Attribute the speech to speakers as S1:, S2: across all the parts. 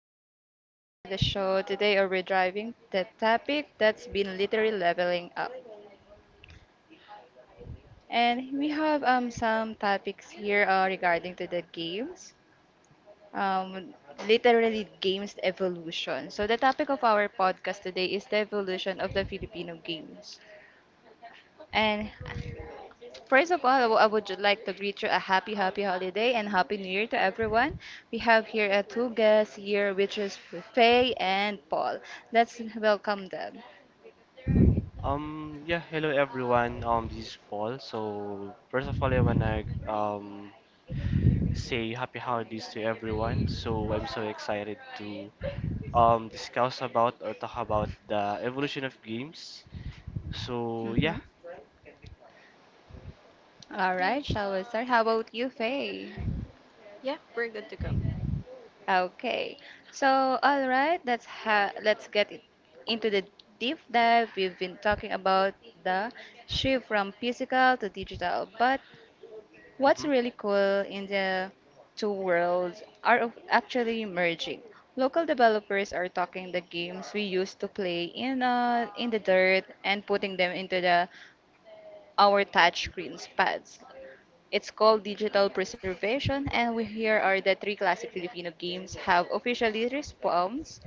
S1: everyone, welcome back to the show. Today we're driving the topic that's been literally leveling up. And we have some topics here regarding to the games, um, literally games evolution. So the topic of our podcast today is the evolution of the Filipino games. And first of all, like to greet you a happy, happy holiday and happy new year to everyone. We have here two guests here, which is Faye and Paul. Let's welcome them.
S2: Yeah, hello everyone. This is Paul. So, first of all, I wanna say happy holidays to everyone. So, I'm so excited to discuss about or talk about the evolution of games. So, yeah.
S1: Hmm. All
S3: Yeah,
S1: right, shall we start? How about you, Faye?
S3: yeah, we're good to go.
S1: Okay. So, all right, let's get it into the deep dive. We've been talking about the shift from physical to digital, but what's
S2: Mm-hmm.
S1: really cool in the two worlds are actually merging. Local developers are talking the games we used to play in the dirt and putting them into the our touchscreens pads. It's called digital preservation, and we here are the three classic Filipino games have officially respawns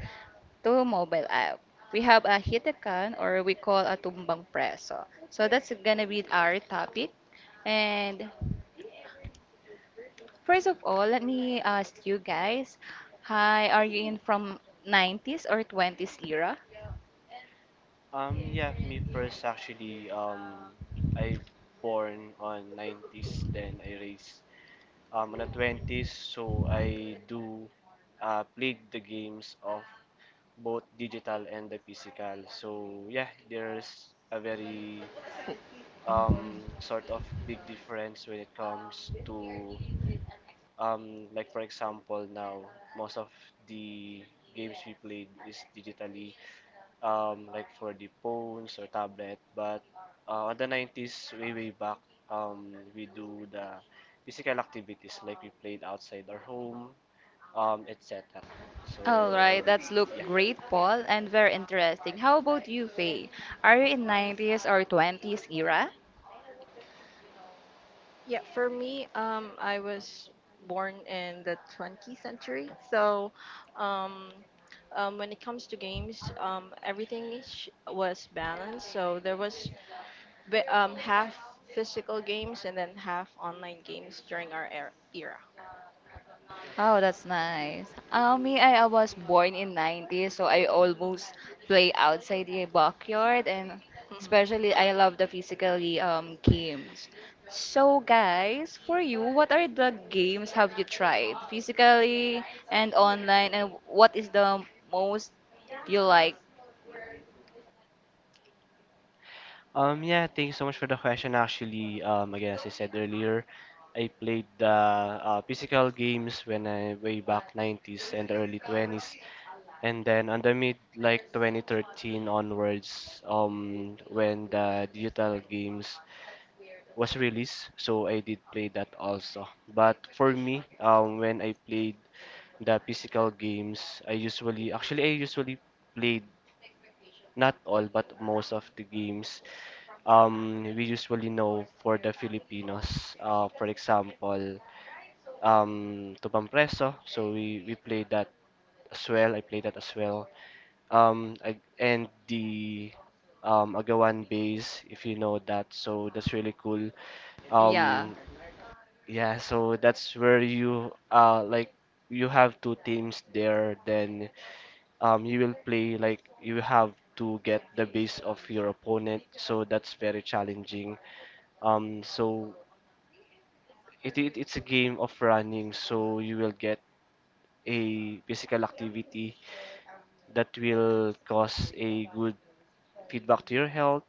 S1: to mobile app. We have a hitakan or we call a tumbang preso. So that's gonna be our topic, and first of all, let me ask you guys, hi, are you in from 90s or 20s era?
S2: Yeah, me first actually. I born on 90s, then I raised on the 20s. So I do played the games of both digital and the physical. So yeah, there's a very sort of big difference when it comes to like for example now most of the games we played is digitally, like for the phones or tablet, but on the 90s way way back, we do the physical activities like we played outside our home, etc., so
S1: All
S2: ayun.
S1: right, that's look
S2: Yeah.
S1: great, Paul, and very interesting. How about you, Faye? Are you in 90s or 20s era?
S3: Yeah, for me, I was born in the 20th century, so um, when it comes to games, everything was balanced. So there was half physical games and then half online games during our era.
S1: Oh, that's nice. Me, I was born in 90s, so I almost play outside the backyard, and
S3: Mhm.
S1: especially I love the physically games. So, guys, for you, what are the games have you tried physically and online, and what is the most you like?
S2: Yeah, thank you so much for the question. Actually, again, as I said earlier, I played the physical games when I way back 90s and early 20s, and then on the mid like 2013 onwards, when the digital games was released, so I did play that also. But for me, when I played the physical games, I usually played not all but most of the games we usually know for the Filipinos. For example, Tubang Preso. So we play that as well. I play that as well. I, and the Agawan bass, if you know that. So that's really cool.
S1: Yeah.
S2: Um, yeah, so that's where you like you have two teams there, then you will play like you have to get the base of your opponent, so that's very challenging. So it's a game of running, so you will get a physical activity that will cause a good feedback to your health.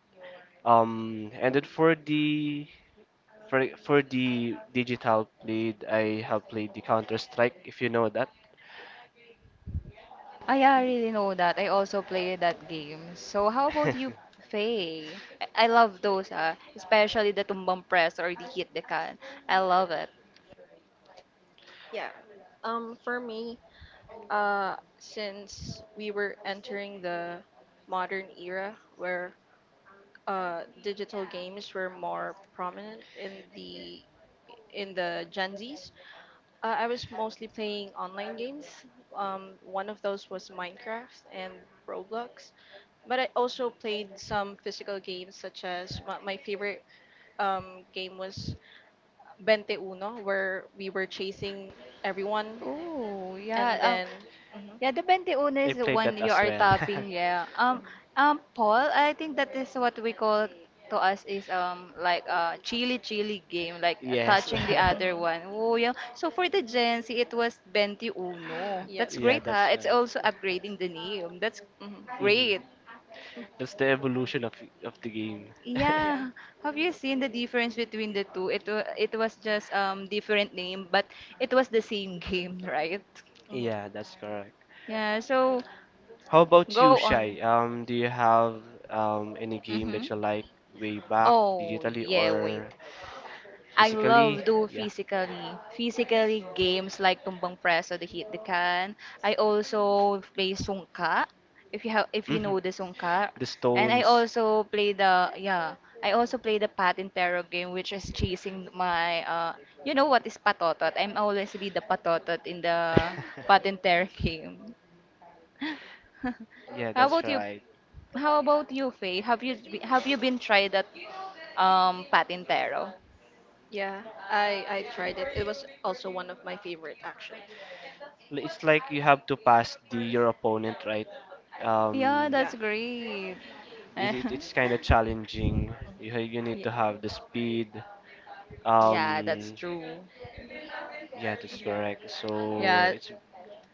S2: And then for the for the digital played, I have played the Counter Strike, if you know that.
S1: Oh, yeah, I really know that. I also played that game. So how about you, Faye? I love those, ah, especially the tumbang press or the hit the can. I love it.
S3: Yeah. For me, since we were entering the modern era where digital games were more prominent in the Gen Zs. I was mostly playing online games. One of those was Minecraft and Roblox, but I also played some physical games. Such as my, my favorite game was Bente Uno, where we were chasing everyone.
S1: Oh, yeah.
S3: And then hmm
S1: Yeah, the 21
S2: I
S1: is the
S2: played
S1: one
S2: that
S1: you
S2: as
S1: are
S2: well.
S1: tapping, yeah.
S3: hmm
S1: Paul, I think that is what we call to us is like a chili chili game, like
S2: Yes.
S1: touching the other
S3: hmm
S1: one. Oh, yeah. So for the Gen Z, it was 21.
S3: yes,
S1: That's
S2: Yeah,
S1: great, huh?
S2: that's
S1: It's
S2: right.
S1: also upgrading the name. That's
S3: hmm
S2: Hmm.
S1: great.
S2: That's the evolution of the game.
S3: yeah.
S1: Yeah, have you seen the difference between the two? It was just different name, but it was the same game, right?
S3: hmm
S2: Yeah, that's correct.
S1: Yeah, so
S2: How about you,
S1: go on.
S2: Shai? Do you have any game
S1: Mm-hmm.
S2: that you like way back,
S1: Oh,
S2: digitally
S1: yeah, wait.
S2: or
S1: I
S2: physically?
S1: love do
S2: Yeah.
S1: physically games like tumbang preso, the hit the can. I also play sungka, if you
S2: Mhm.
S1: know the sungka,
S2: The
S1: and I
S2: Stones.
S1: also play the yeah, I also play the pat and terror game, which is chasing my you know what is patotot? I'm always be the patotot in the pat and terror game.
S2: Yeah,
S1: How
S2: that's
S1: about you?
S2: right.
S1: How about you, Faye? Have you been tried that pat and terror?
S3: Yeah, I tried it. It was also one of my favorite actually.
S2: It's like you have to pass the your opponent, right?
S1: Yeah,
S2: Um,
S3: Yeah.
S1: that's great.
S2: it,
S1: Eh,
S2: it, it's kind of challenging. You need to have the speed.
S1: yeah, that's
S2: Um,
S1: true.
S2: yeah, that's correct. So
S1: Yeah,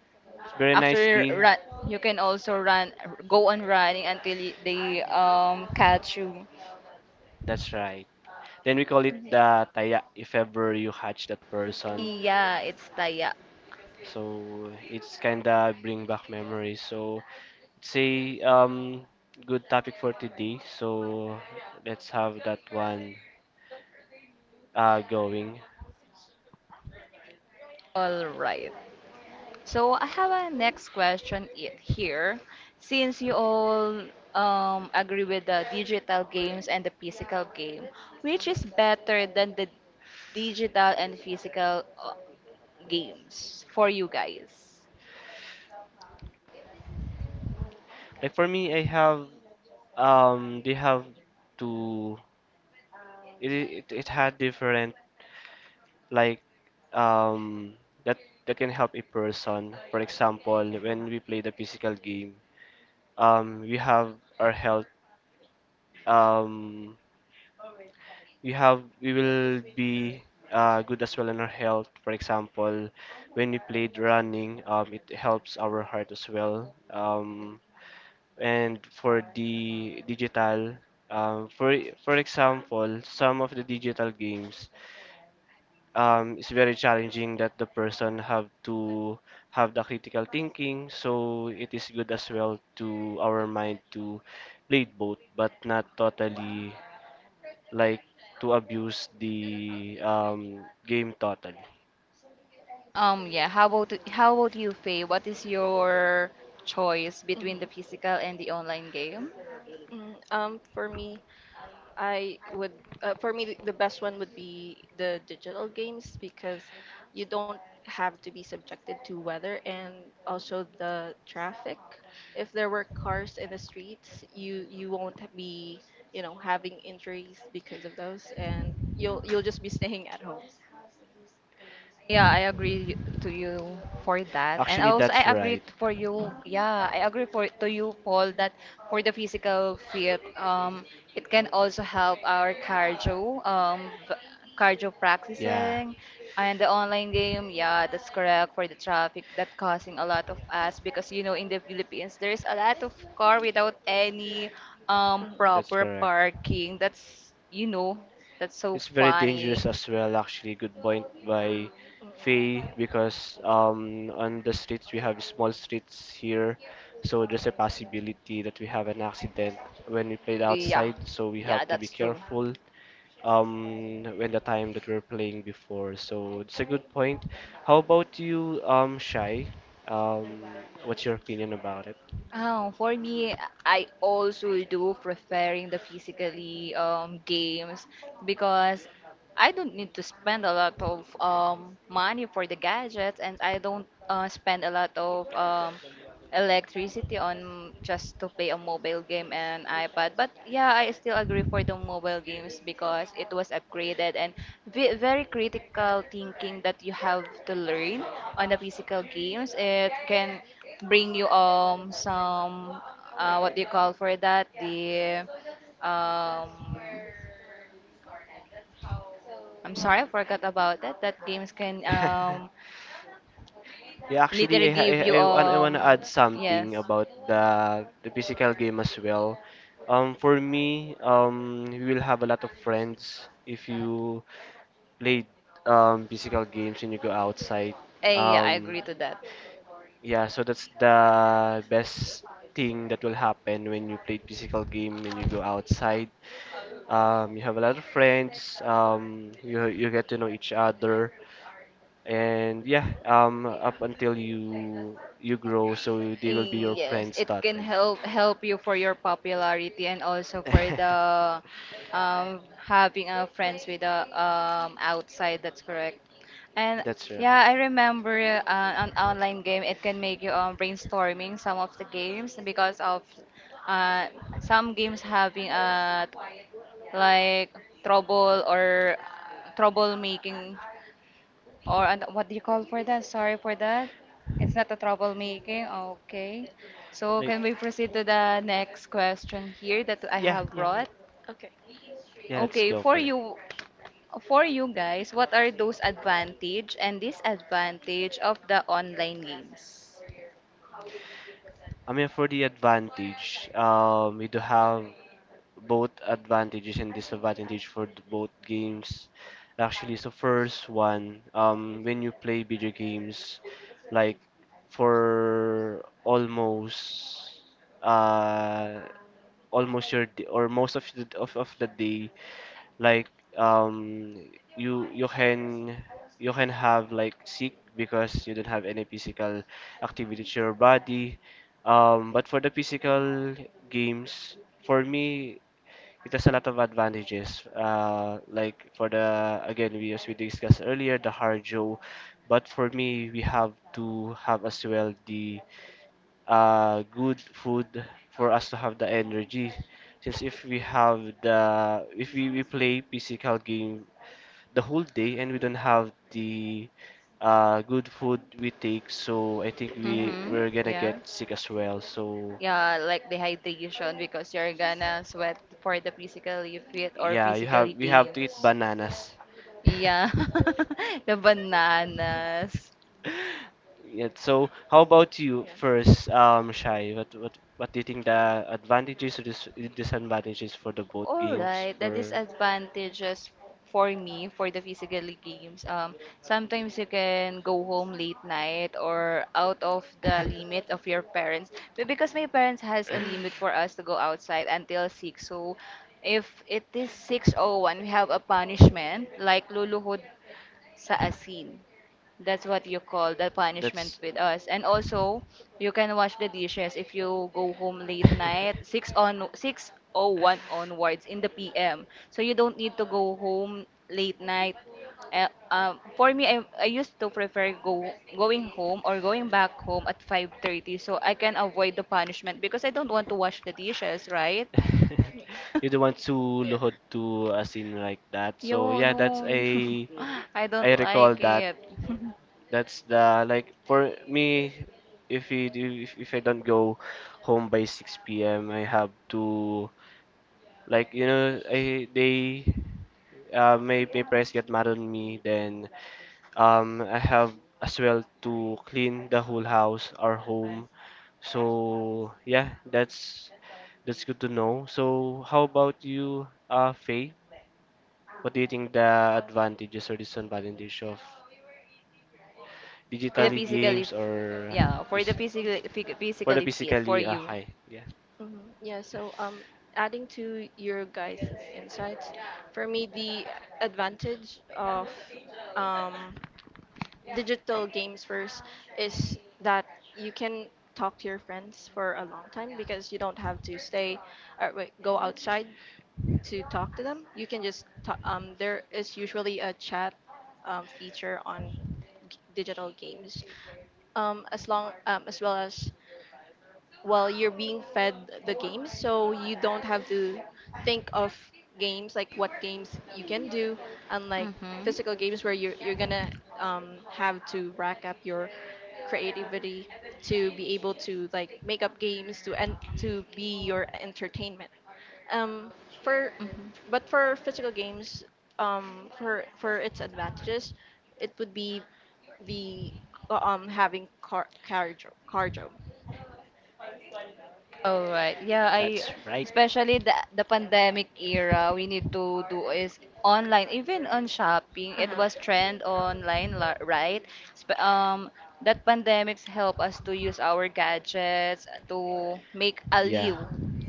S2: it's very nice
S1: actually,
S2: game.
S1: run. You can also run, go on running until they catch you.
S2: That's right. Then we call it
S3: Mhm.
S2: the taya if ever you hatch that person.
S1: Yeah, it's taya.
S2: So it's kinda bring back memories. So it's a good topic for today. So let's have that one going.
S1: All right. So I have a next question here. Since you all agree with the digital games and the physical game, which is better than the digital and physical games for you guys?
S2: Like for me, I have they have to it it, it had different like um that that can help a person. For example, when we play the physical game, we have our health, um we will be good as well in our health. For example, when we played running, it helps our heart as well. And for the digital, um, for for example, some of the digital games, it's very challenging that the person have to have the critical thinking. So it is good as well to our mind to play both, but not totally like to abuse the game totally.
S1: Yeah. How about you, Faye? What is your choice between the
S3: hmm
S1: physical and the online game?
S3: hmm For me, I would. For me, the best one would be the digital games, because you don't have to be subjected to weather and also the traffic. If there were cars in the streets, you won't be, you know, having injuries because of those, and you'll just be staying at home.
S1: Yeah, I agree y- to you for that. And
S2: Actually,
S3: Hmm
S1: also
S2: that's
S1: I agree
S2: right.
S1: t- for you. Yeah, I agree for to you Paul that for the physical fit it can also help our cardio cardio
S2: Yeah.
S1: practicing and the online game. Yeah, that's correct for the traffic that causing a lot of us because you know in the Philippines there's a lot of car without any
S3: hmm
S2: That's
S1: proper
S2: correct.
S1: parking. That's so
S2: It's very dangerous
S1: funny.
S2: as well, actually. Good point by
S3: hmm
S2: Faye, because on the streets we have small streets here, so there's a possibility that we have an accident when we played
S1: Yeah,
S2: outside, so we have
S1: yeah,
S2: to be
S1: that's true.
S2: careful when the time that we are playing before. So it's a good point. How about you, Shai? Um, what's your opinion about it?
S1: For me, I also do preferring the physically games because I don't need to spend a lot of money for the gadgets, and I don't spend a lot of electricity on just to play a mobile game and iPad. But yeah, I still agree for the mobile games because it was upgraded and very critical thinking that you have to learn on the physical games. It can bring you some what do you call for that the um I'm sorry, I forgot about that. That games can
S2: Yeah, actually,
S1: literally
S2: I, ha-
S1: give you
S2: I want to add
S1: yes.
S2: something about the physical game as well. For me, you will have a lot of friends if you play physical games when you go outside.
S1: Eh, yeah, I
S2: Um,
S1: agree to that.
S2: yeah, so that's the best thing that will happen when you play physical game when you go outside. You have a lot of friends. You get to know each other and yeah up until you grow, so they will be your
S1: Yes,
S2: friends
S1: it can
S2: totally.
S1: help you for your popularity and also for the having friends with the outside. That's correct. And
S2: That's right.
S1: yeah, I remember an online game. It can make you brainstorming some of the games because of uh, some games having like trouble or troublemaking or an, what do you call for that? Sorry for that. It's not a troublemaking. Okay. So can
S2: like
S1: we proceed to the next question here that I
S2: yeah
S1: have
S2: yeah yeah
S1: brought?
S3: Okay.
S2: yeah let's
S1: Okay,
S2: go for it.
S1: for you guys, what are those advantage and disadvantage of the online games?
S2: I mean, for the advantage, we do have both advantages and disadvantage for the both games. Actually, so first one, when you play video games, like for almost uh almost your d or most of the day, like um you you can you can have like sick because you don't have any physical activity to your body. But for the physical games, for me, it has a lot of advantages. Like for the again, we as we discussed earlier, the harjo, but for me, we have to have as well the good food for us to have the energy. Since if we have the if we, we play physical game the whole day and we don't have the good food we take, so I think we
S1: Mm-hmm.
S2: we're gonna
S1: Yeah.
S2: get sick as well. So
S1: Yeah, like dehydration because you're gonna sweat for the physically fit or
S2: yeah, you have
S1: physically
S2: we have to eat
S1: games.
S2: bananas.
S1: Yeah. the bananas.
S2: Yeah, so how about you
S3: Yeah.
S2: first, Shai? What do you think the advantages or disadvantages for the both
S1: All
S2: games
S1: right, the
S2: were?
S1: disadvantages for me for the physically games. Sometimes you can go home late night or out of the limit of your parents. But because my parents has a limit for us to go outside until six, so if it is six oh one, we have a punishment like luluhod sa asin. That's what you call the punishment
S2: That's
S1: with us. And also, you can wash the dishes if you go home late night, 6 on 6:01 onwards in the PM. So you don't need to go home late night. For me, I used to prefer go going home or going back home at 5:30 so I can avoid the punishment because I don't want to wash the dishes, right?
S3: Mm.
S2: you don't want to
S3: Yeah.
S2: luhod to a scene like that. So
S1: Yo,
S2: yeah, that's a
S1: no. I
S2: I
S1: don't
S2: recall
S1: like
S2: that.
S1: it.
S2: That's the like for me, if we do if I don't go home by 6 p.m., I have to like you know I they my, my parents get mad on me, then I have as well to clean the whole house, our home. So yeah, that's good to know. So how about you, Faye? What do you think the advantages or disadvantages of
S1: the
S2: digitally
S3: Um.
S1: physically,
S2: games
S1: f-
S2: or
S1: yeah, for the
S2: phys- for the
S1: physically fit for
S2: physically
S1: you.
S2: high? Yeah,
S3: Mhm. Yeah. So adding to your guys' insights, for me the advantage of um digital games first is that you can talk to your friends for a long time, because you don't have to stay or wait, go outside to talk to them. You can just talk. There is usually a chat feature on digital games, as well as, well, you're being fed the games, so you don't have to think of games, like what games you can do, unlike
S1: Mm-hmm.
S3: physical games where you're gonna have to rack up your creativity to be able to, like, make up games to and to be your entertainment um, for
S1: Mm-hmm.
S3: but for physical games, for its advantages, it would be the having cardio cardio.
S1: All right. Yeah, I
S2: that's right.
S1: especially the pandemic era, we need to do is online, even on shopping. It
S3: Uh-huh.
S1: was trend online, right? Sp that pandemics help us to use our gadgets to make
S2: Yeah.
S1: aliw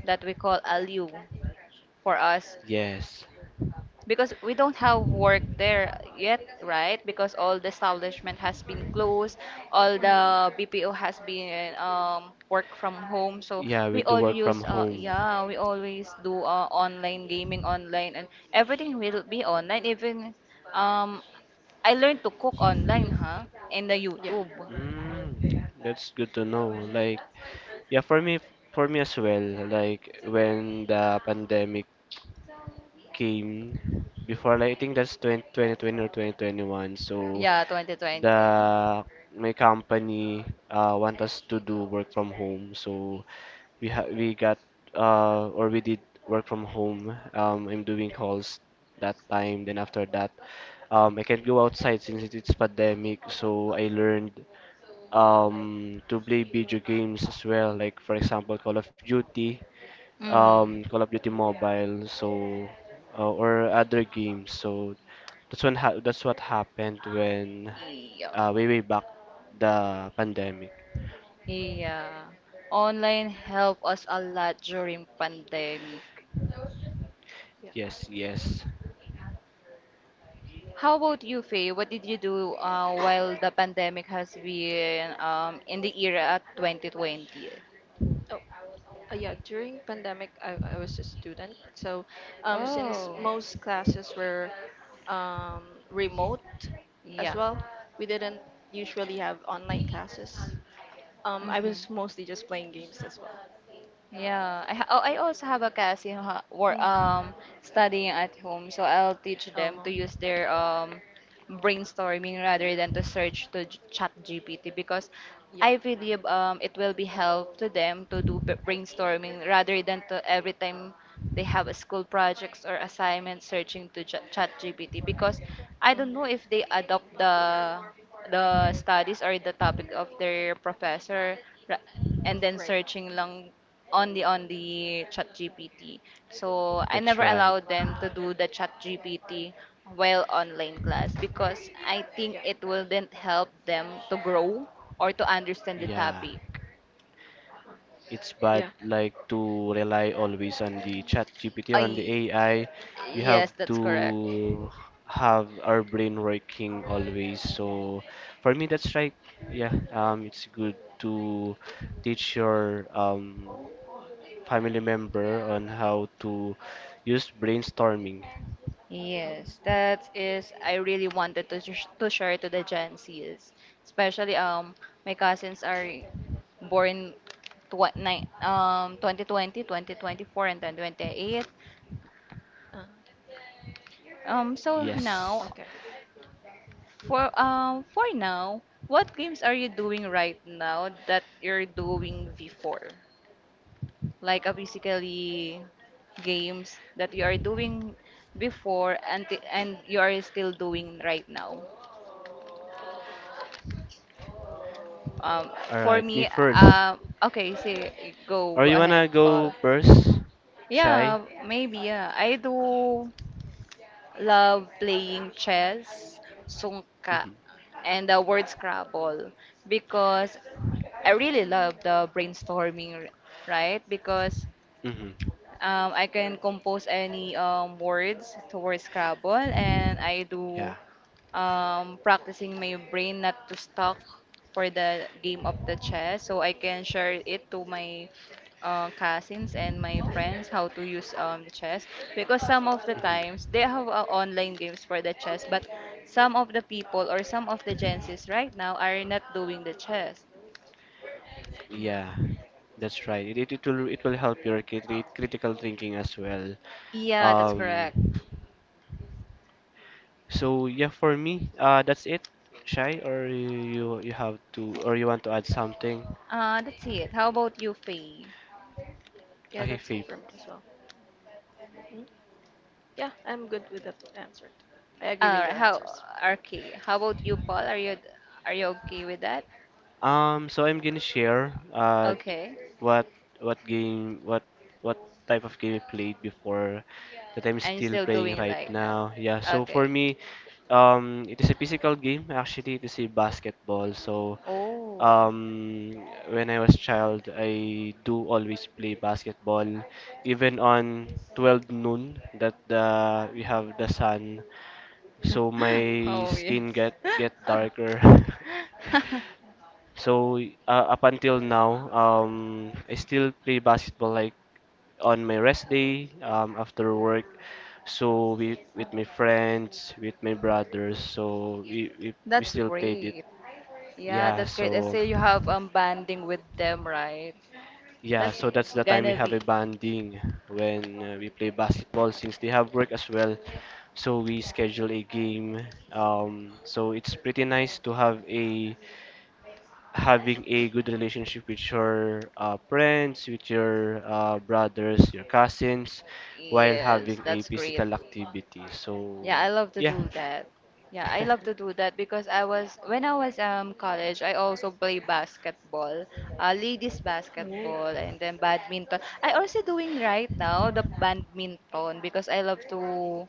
S1: that we call aliw for us.
S2: Yes.
S1: Because we don't have work there yet, right? Because all the establishment has been closed, all
S3: Mhm.
S1: the BPO has been work from home. So
S2: Yeah, we
S1: we
S2: do
S1: all
S2: work from
S1: use,
S2: home.
S1: yeah, we always do online gaming online, and everything will be online. Even um, I learned to cook online, huh? In the
S3: Yeah.
S1: YouTube.
S2: Mm, that's good to know. Like, yeah, for me as well. Like when the pandemic came, before, like, I think that's 2020 20 or 2021. So
S1: Yeah, 2020.
S2: the my company want us to do work from home. So we got or we did work from home. I'm doing calls that time. Then after that, I can't go outside since it's pandemic. So I learned to play video games as well. Like for example, Call of Duty, Call
S1: Mm-hmm.
S2: of Duty Mobile, so or other games. So that's when ha that's what happened when
S1: Yeah.
S2: way way back the pandemic.
S1: Yeah. Online helped us a lot during pandemic.
S3: Yeah.
S2: Yes, yes,
S1: How about you, Faye? What did you do while the pandemic has been in the era at 2020?
S3: Oh, yeah. During pandemic, I was a student. So, since
S1: Oh,
S3: most classes were remote as
S1: yeah.
S3: well, we didn't usually have online classes. I
S1: Mm-hmm.
S3: was mostly just playing games as well.
S1: Yeah, oh, I also have a class in
S3: Mm-hmm.
S1: studying at home, so I'll teach them
S3: Oh,
S1: to use their brainstorming rather than to search to chat GPT because
S3: yeah.
S1: I believe it will be help to them to do brainstorming rather than to every time they have a school projects or assignment searching to chat GPT because I don't
S3: Mhm.
S1: know if they adopt the studies or the topic of their professor ra- and then
S3: Right.
S1: searching lang on the chat gpt, so I
S2: that's
S1: never
S2: right.
S1: allowed them to
S3: Mm.
S1: do the chat gpt while online class because I think
S3: Yeah.
S1: it wouldn't help them to grow or to understand the
S2: Yeah,
S1: topic.
S2: it's bad
S3: Yeah.
S2: like to rely always on the chat GPT or on the
S1: I
S2: AI. We have
S1: Yes, that's correct.
S2: to have our brain working always. So for me, that's right. Yeah, it's good to teach your family member on how to use brainstorming.
S1: Yes,
S3: Mm.
S1: that is, I really wanted to, to share to the Gen Z's, especially my cousins are born 2020, 2024, and then 28
S3: Uh,
S1: so now.
S2: Yes.
S3: okay.
S1: For now, what games are you doing right now that you're doing before? Like a basically games that you are doing before and you are still doing right now. Um
S2: All
S1: for
S2: right, me
S1: me,
S2: first.
S1: um okay, say
S2: Or
S1: go
S2: you
S1: ahead,
S2: wanna go
S1: Paul.
S2: first, Shy?
S1: Yeah, maybe yeah. I do love playing chess, sungka,
S2: Mhm.
S1: and the word Scrabble because I really love the brainstorming, right? Because
S2: Mhm.
S1: I can compose any words towards Scrabble and I
S2: Yeah.
S1: do practicing my brain not to stuck for the game of the chess so I can share it to my cousins and my friends how to use chess because some of the
S2: Mhm.
S1: times they have online games for the chess but some of the people or some of the Gen Zs right now are not doing the chess.
S3: Mm.
S2: Yeah. That's right. It will help your critical thinking as well.
S1: Yeah,
S3: Yeah.
S1: that's correct.
S2: Um. So yeah, for me, that's it. Shy, or you want to add something?
S1: That's it. How about you, Faye?
S3: Yeah,
S2: Okay,
S3: that's it
S2: Faith.
S3: for me as well. Mm. Yeah, I'm good with the answer. I agree with your
S1: How
S3: answers.
S1: okay? How about you, Paul? Are you okay with that?
S2: So I'm gonna share
S1: Okay.
S2: what what game what type of game I played before that I'm
S1: I'm
S2: still
S1: still
S2: playing
S1: doing it
S2: right
S1: right now.
S2: now. Yeah, so for
S1: Okay.
S2: me, it is a physical game. Actually, it is a basketball. So
S1: Oh.
S2: um, when I was child, I do always play basketball, even on 12 noon that the we have the sun, so my
S1: Oh,
S2: skin
S1: yes.
S2: get darker. So up until now, I still play basketball like on my rest day, after work. So with my friends, with my brothers, so we
S1: That's
S2: still played it.
S1: great. Yeah,
S2: Yeah,
S1: that's great. I
S2: so.
S1: say you have bonding with them, right?
S2: Yeah,
S1: That's
S2: so that's the time we
S1: gonna
S2: have
S1: be.
S2: a banding when we play basketball since they have work as well. So we schedule a game. So it's pretty nice to have a having a good relationship with your friends, with your brothers, your cousins, while
S1: Yes,
S2: having a
S1: that's great.
S2: physical activity. So
S1: Yeah, I love to
S2: yeah.
S1: do that. Yeah, I love to
S3: Hmm
S1: do that because I was when I was college, I also play basketball, ladies basketball, and then badminton. I also doing right now the badminton because I love to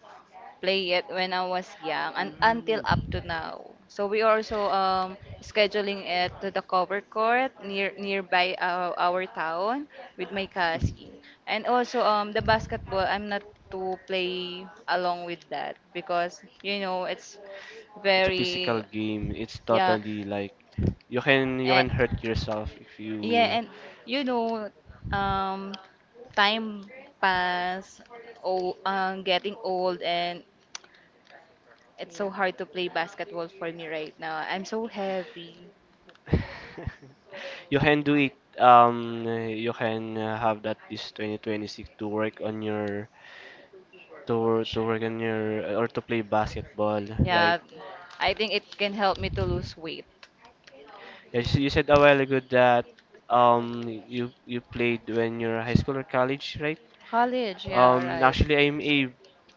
S1: play it when I was young and until
S2: Mm.
S1: up to now. So we also scheduling it to the cover court nearby our town with my
S2: Mhm.
S1: cousin. And also the basketball, I'm not to play along with that because it's
S2: It's a physical
S1: very
S2: game. It's
S1: yeah
S2: totally like you
S1: eh,
S2: can hurt yourself if
S1: yeah
S2: you
S1: and you know um time pass oh getting old, and it's
S3: Yeah.
S1: so hard to play basketball for me right now. I'm so heavy.
S2: you can do it. You can have that this 2026 to work on your
S1: Sh-
S2: to work on your or to play basketball, right?
S1: Yeah, I think it can help me to lose weight.
S3: Yeah.
S2: Yes, you said a while ago that you played when you're high school or college, right?
S1: College, yeah, right.
S2: Actually, I'm a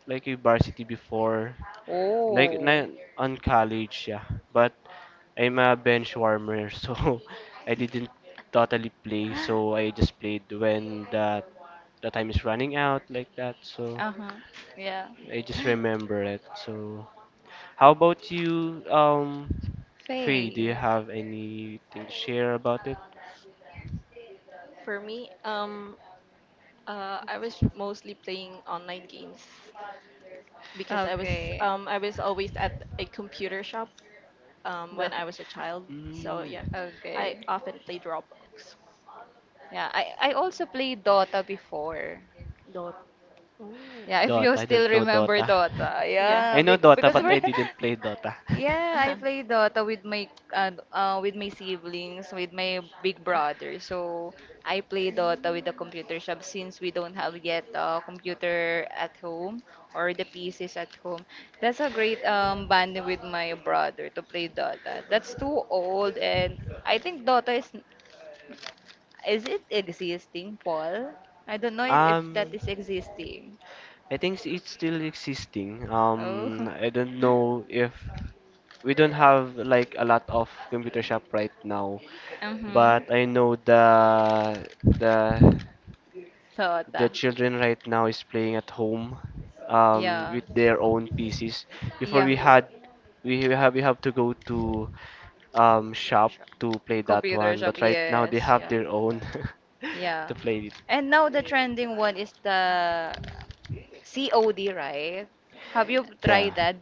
S2: like a varsity before, like
S1: Oh.
S2: na on college, yeah. But I'm a bench warmer, so I didn't totally play. So I just played when the time is running out like that. So
S1: Uh-huh. Yeah.
S2: I just remember it. So how about you, faye, do you
S1: Faye.
S2: have anything to share about it?
S3: For me, I was mostly playing online games, because
S1: Okay.
S3: I was always at a computer shop
S1: The
S3: when I was a child. So yeah,
S2: Mm.
S3: I
S1: Okay.
S3: often played Roblox.
S1: Yeah, I also played Dota before.
S3: Dot. Oh.
S1: Yeah, if you
S2: Dota. I don't
S1: still
S2: know
S1: remember
S2: Dota.
S1: Dota.
S3: Yeah.
S2: I
S1: Yeah,
S2: know Dota,
S1: because
S2: but
S1: we're
S2: I didn't play Dota.
S1: Yeah, I play Dota with my siblings, with my big brother. So I play Dota with the computer shop since we don't have yet a computer at home or the PCs at home. That's a great bonding with my brother to play Dota. That's too old, and I think Dota is it existing, Paul? I don't know if that
S2: Um,
S1: is existing.
S2: I think it's still existing.
S1: Oh,
S2: I don't know if we don't have like a lot of computer shop right now,
S1: Mm-hmm.
S2: but I know the the
S1: Dota.
S2: children right now is playing at home
S1: Yeah,
S2: with their own PCs. Before
S1: yeah.
S2: we
S3: yeah.
S2: had we have to go to shop
S3: Sure.
S2: to play that
S1: Computer
S2: one,
S1: shop,
S2: but right now they
S1: yes.
S2: have
S3: Yeah.
S2: their own
S1: Yeah.
S2: to play it.
S1: And now the trending one is the COD, right? Have you
S3: Yes.
S2: Yeah.
S1: tried that?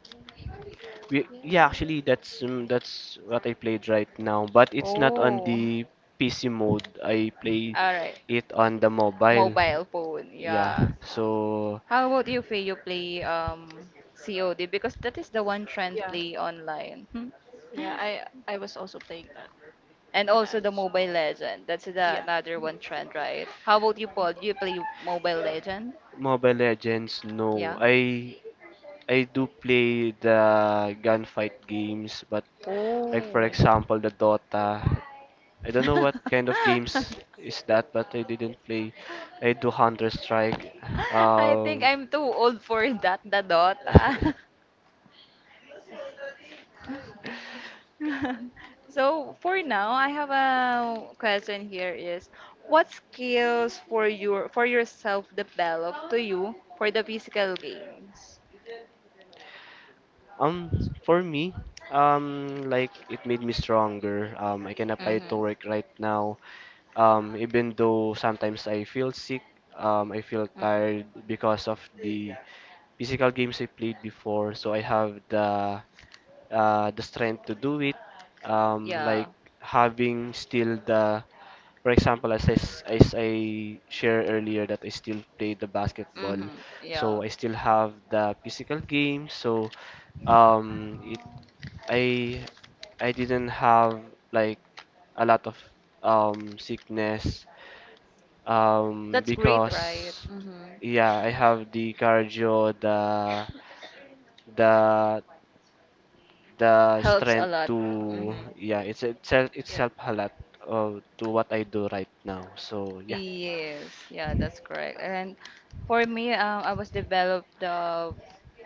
S2: We yeah,
S3: Yes.
S2: actually that's what I played right now, but it's not on
S1: Oh,
S2: the PC mode. I play
S1: all right.
S2: it on the mobile.
S1: Mobile phone,
S2: Yeah.
S1: yeah.
S3: Uh,
S2: So
S1: How about you, Faye? You play COD because that is the one trend
S3: yeah.
S1: play online. Hmm.
S3: Yeah. I was also playing that
S1: And
S3: when I
S1: also the
S3: was,
S1: Mobile Legend. That's the
S3: yeah.
S1: another
S3: Mm-hmm.
S1: one trend, right? How about you, Paul? Do you play Mobile Legend?
S2: Mobile Legends, no.
S1: Yeah.
S2: I do play the gunfight games, but like for
S1: Oh.
S3: Grade 5.
S2: example the Dota. I don't know what kind of games is that, but I didn't play. I do Counter Strike.
S1: I think
S2: Um,
S1: I'm too old for that, the Dota. So for now, I have a question here is what skills for yourself develop to you for the physical games?
S3: That's good.
S2: for me, like it made me stronger. I can apply it to
S1: Mm-hmm.
S2: work right now. Even though sometimes I feel sick, I feel
S1: Mm-hmm.
S2: tired because of the physical games I played before. So I have the strength to do it,
S1: Yeah.
S2: like having still for example, as I share earlier that I still play the basketball,
S1: Mm-hmm.
S2: so
S1: Yeah.
S2: I still have the physical game, so um, it, I, I didn't have like a lot of sickness
S1: That's great, right?
S2: because
S1: Mm-hmm.
S2: yeah I have the cardio the the
S1: Helps a
S2: strength
S1: lot.
S2: to
S1: Mm-hmm.
S2: yeah
S3: Yeah.
S2: it's itself
S3: Yeah.
S2: itself a lot of to what I do right now, so yeah.
S1: Yes, yeah, that's correct.
S3: Okay.
S1: And for me, I was developed the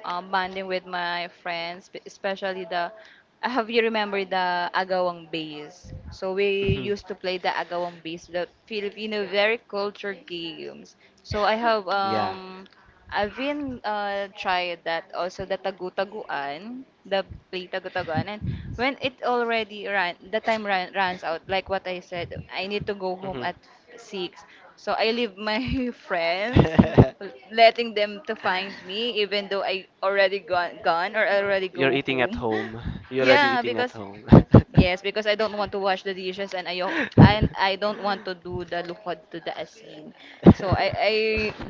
S1: bonding with my friends, especially the. I Have you remember the agawang bass? So we
S2: Mhm.
S1: used to play the agawang bass, the Filipino
S3: Yeah.
S1: very culture games. So
S2: Yeah.
S1: I've been tried that also the tagu-taguan, the play tagu-taguan, and when it already ran, the time runs out. Like what I said, I need to go home
S2: Mhm.
S1: at 6, so I leave my friends,
S3: Mhm.
S1: letting them to find me, even though I already gone or
S3: Well,
S1: already
S2: You're
S1: go
S2: eating at
S1: home.
S2: home. You're already
S1: Yeah,
S2: eating at
S1: because
S2: home.
S1: yes, because I don't want to wash the dishes, and I don't want to do the lukod to the asin. So
S3: Uh,
S1: I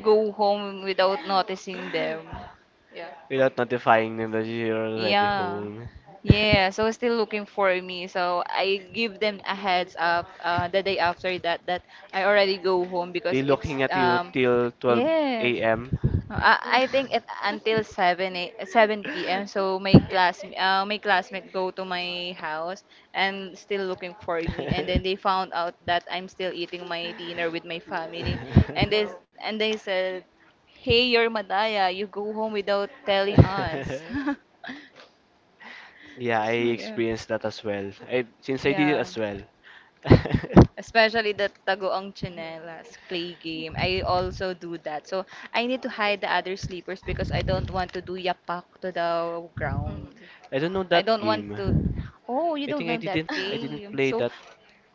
S1: go home without noticing them.
S3: yeah,
S2: Without notifying them that you're already
S1: Yeah.
S2: home.
S3: yeah.
S1: Yeah, so still looking for me. So I give them a heads up the day after that that I already go home
S2: They
S1: because it's
S2: looking at you till
S1: yes.
S2: 12 a.m.
S1: No, I think it until 7 p.m. So my class my classmate go to my house and still looking for me, and then they found out that I'm still eating my dinner with my family,
S3: Yeah, no,
S1: and they said, "Hey, you're Madaya. You go home without telling us."
S2: Yeah, I
S3: it's fine.
S1: Yeah.
S2: experienced that as well. I since I did it
S1: Yeah.
S2: as well. I
S1: Especially the tagoong
S3: Mm-hmm.
S1: chinelas play game. I also do that. So I need to hide the other sleepers because I don't want to do yapak to the ground.
S3: Mm-hmm.
S2: don't know
S1: I
S2: that
S1: don't want
S2: game.
S1: to. Oh, you
S2: I
S1: don't
S2: think I
S1: know
S2: didn't
S1: that
S2: I didn't
S1: game.
S2: play
S1: So,
S2: that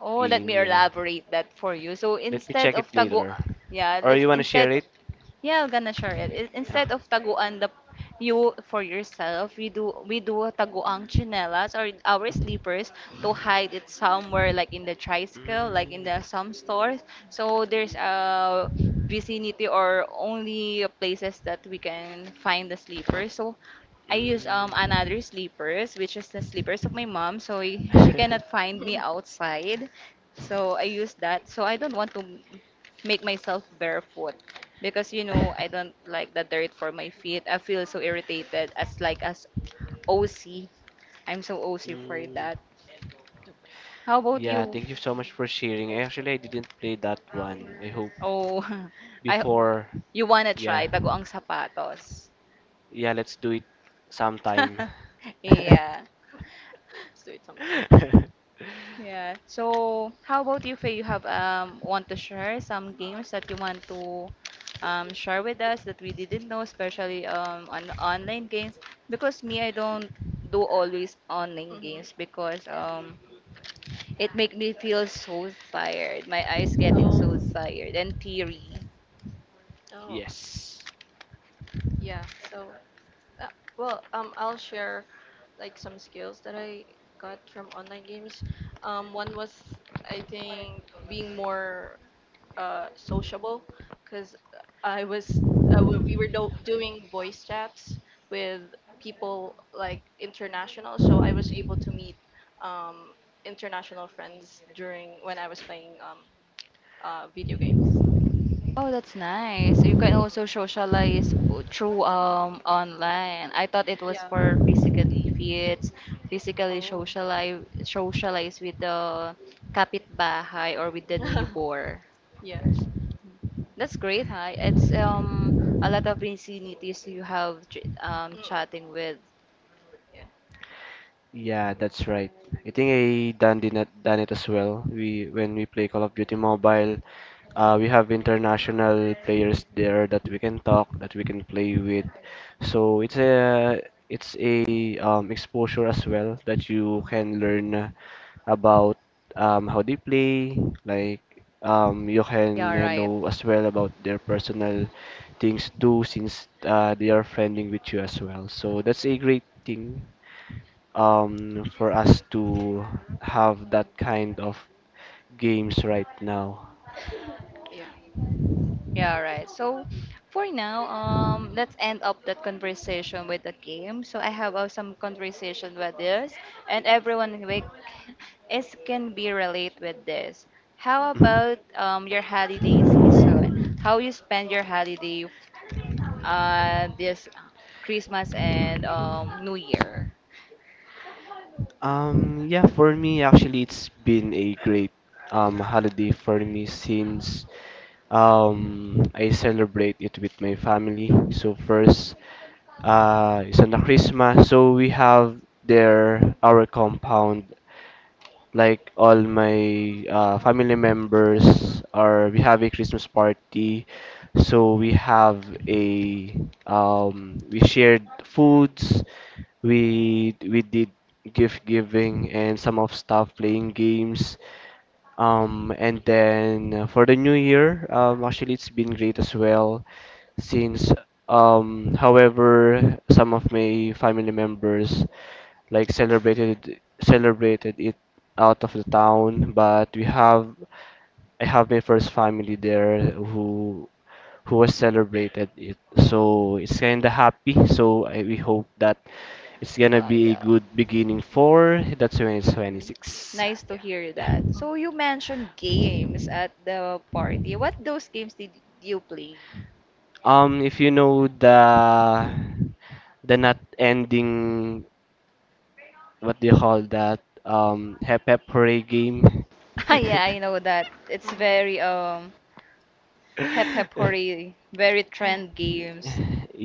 S1: oh, let me
S2: game. Yeah.
S1: elaborate that for you. So
S2: Let me
S1: instead
S2: check it
S1: of tago,
S2: later.
S1: yeah,
S2: Or
S1: let's
S2: you wanna share
S1: instead
S2: it?
S1: yeah, I'm gonna share it.
S2: Yeah.
S1: Instead of taguan the you for yourself, we do taguang chinelas or our
S2: Mhm.
S1: sleepers to hide it somewhere like in the tricycle, like in
S2: Mm,
S1: the some stores. So there's a vicinity or only places that we can find the sleepers. So I use
S2: mm.
S1: another sleepers, which is the sleepers of my mom, so she cannot find me outside. So I use that. So I don't want to make myself barefoot because you know I don't
S3: okay,
S1: like the dirt for my feet. I feel so irritated as like as O am so OC for
S2: Mm.
S1: that.
S3: okay.
S1: How about
S2: Yeah,
S1: you?
S2: thank you so much for sharing. Actually, I didn't play that one. I hope
S1: Oh, I
S2: before.
S1: you wanna
S2: Yeah.
S1: try taguang sapatos.
S2: Yeah, let's do it sometime.
S1: Yeah.
S3: Let's do it sometime.
S1: Yeah. So, how about you, Faye? You have want to share some games that you want to share with us that we didn't know, especially on online games. Because me, I don't do always online
S3: Mm-hmm.
S1: games because
S3: Yeah.
S1: it make me feel so tired. My eyes getting
S3: Oh,
S1: so tired and teary.
S3: oh, okay.
S2: Yes.
S3: Yeah. So, uh, I'll share like some skills that I got from online games. One was I think being more sociable, because I was we were doing voice chats with people like international, so I was able to meet um, international friends during when I was playing video games.
S1: Oh, that's nice. You can
S3: Hmm
S1: also socialize through online. I thought it was
S3: Yeah.
S1: for physically fit, physically
S3: Oh.
S1: socialize with the kapitbahay or with the neighbor.
S3: yeah.
S1: That's great, huh? It's a lot of vicinities you have
S3: Mm-mm.
S1: chatting with.
S3: Yeah.
S2: Yeah, that's right. I think I done did not done it as well. We when we play Call of Duty Mobile, we have international players there that we can talk, that we can play with. So it's a exposure as well that you can
S3: hmm
S2: learn about how they play. Like you
S1: Yeah,
S2: can
S1: right.
S2: know as well about their personal things do since they are friending with you as well. So that's a great thing for us to have that kind of games right now.
S3: Yeah.
S1: Yeah, right. So for now, let's end up that conversation with the game. So I have some conversation with this, and everyone is can be relate with this. How
S2: Mhm.
S1: about your holiday season? How you spend your holiday this Christmas and New Year?
S2: Yeah, for me, actually, it's been a great holiday for me since I celebrate it with my family. So first, it's on the Christmas, so we have there our compound like all my family members are we have a Christmas party, so we have a we shared foods, we did gift giving and some of stuff
S3: hmm
S2: playing games, and then for the new year actually it's been great as well since however some of my family members like celebrated it out of the town, but we have I have my first family there who was celebrated it. So it's kinda happy. So I, we hope that it's gonna
S1: Oh
S2: be a
S1: yeah.
S2: good beginning for the
S1: Mm-hmm.
S2: 2026.
S1: Nice to
S3: Yeah.
S1: hear
S2: Yeah.
S1: that.
S3: hmm
S1: So you mentioned games at the party. What those games did you play?
S2: If you know the not ending, what do you call that? Hep hep hooray game.
S1: Yeah, I know that. It's
S3: hmm
S1: very hep hep hurry, very trend games.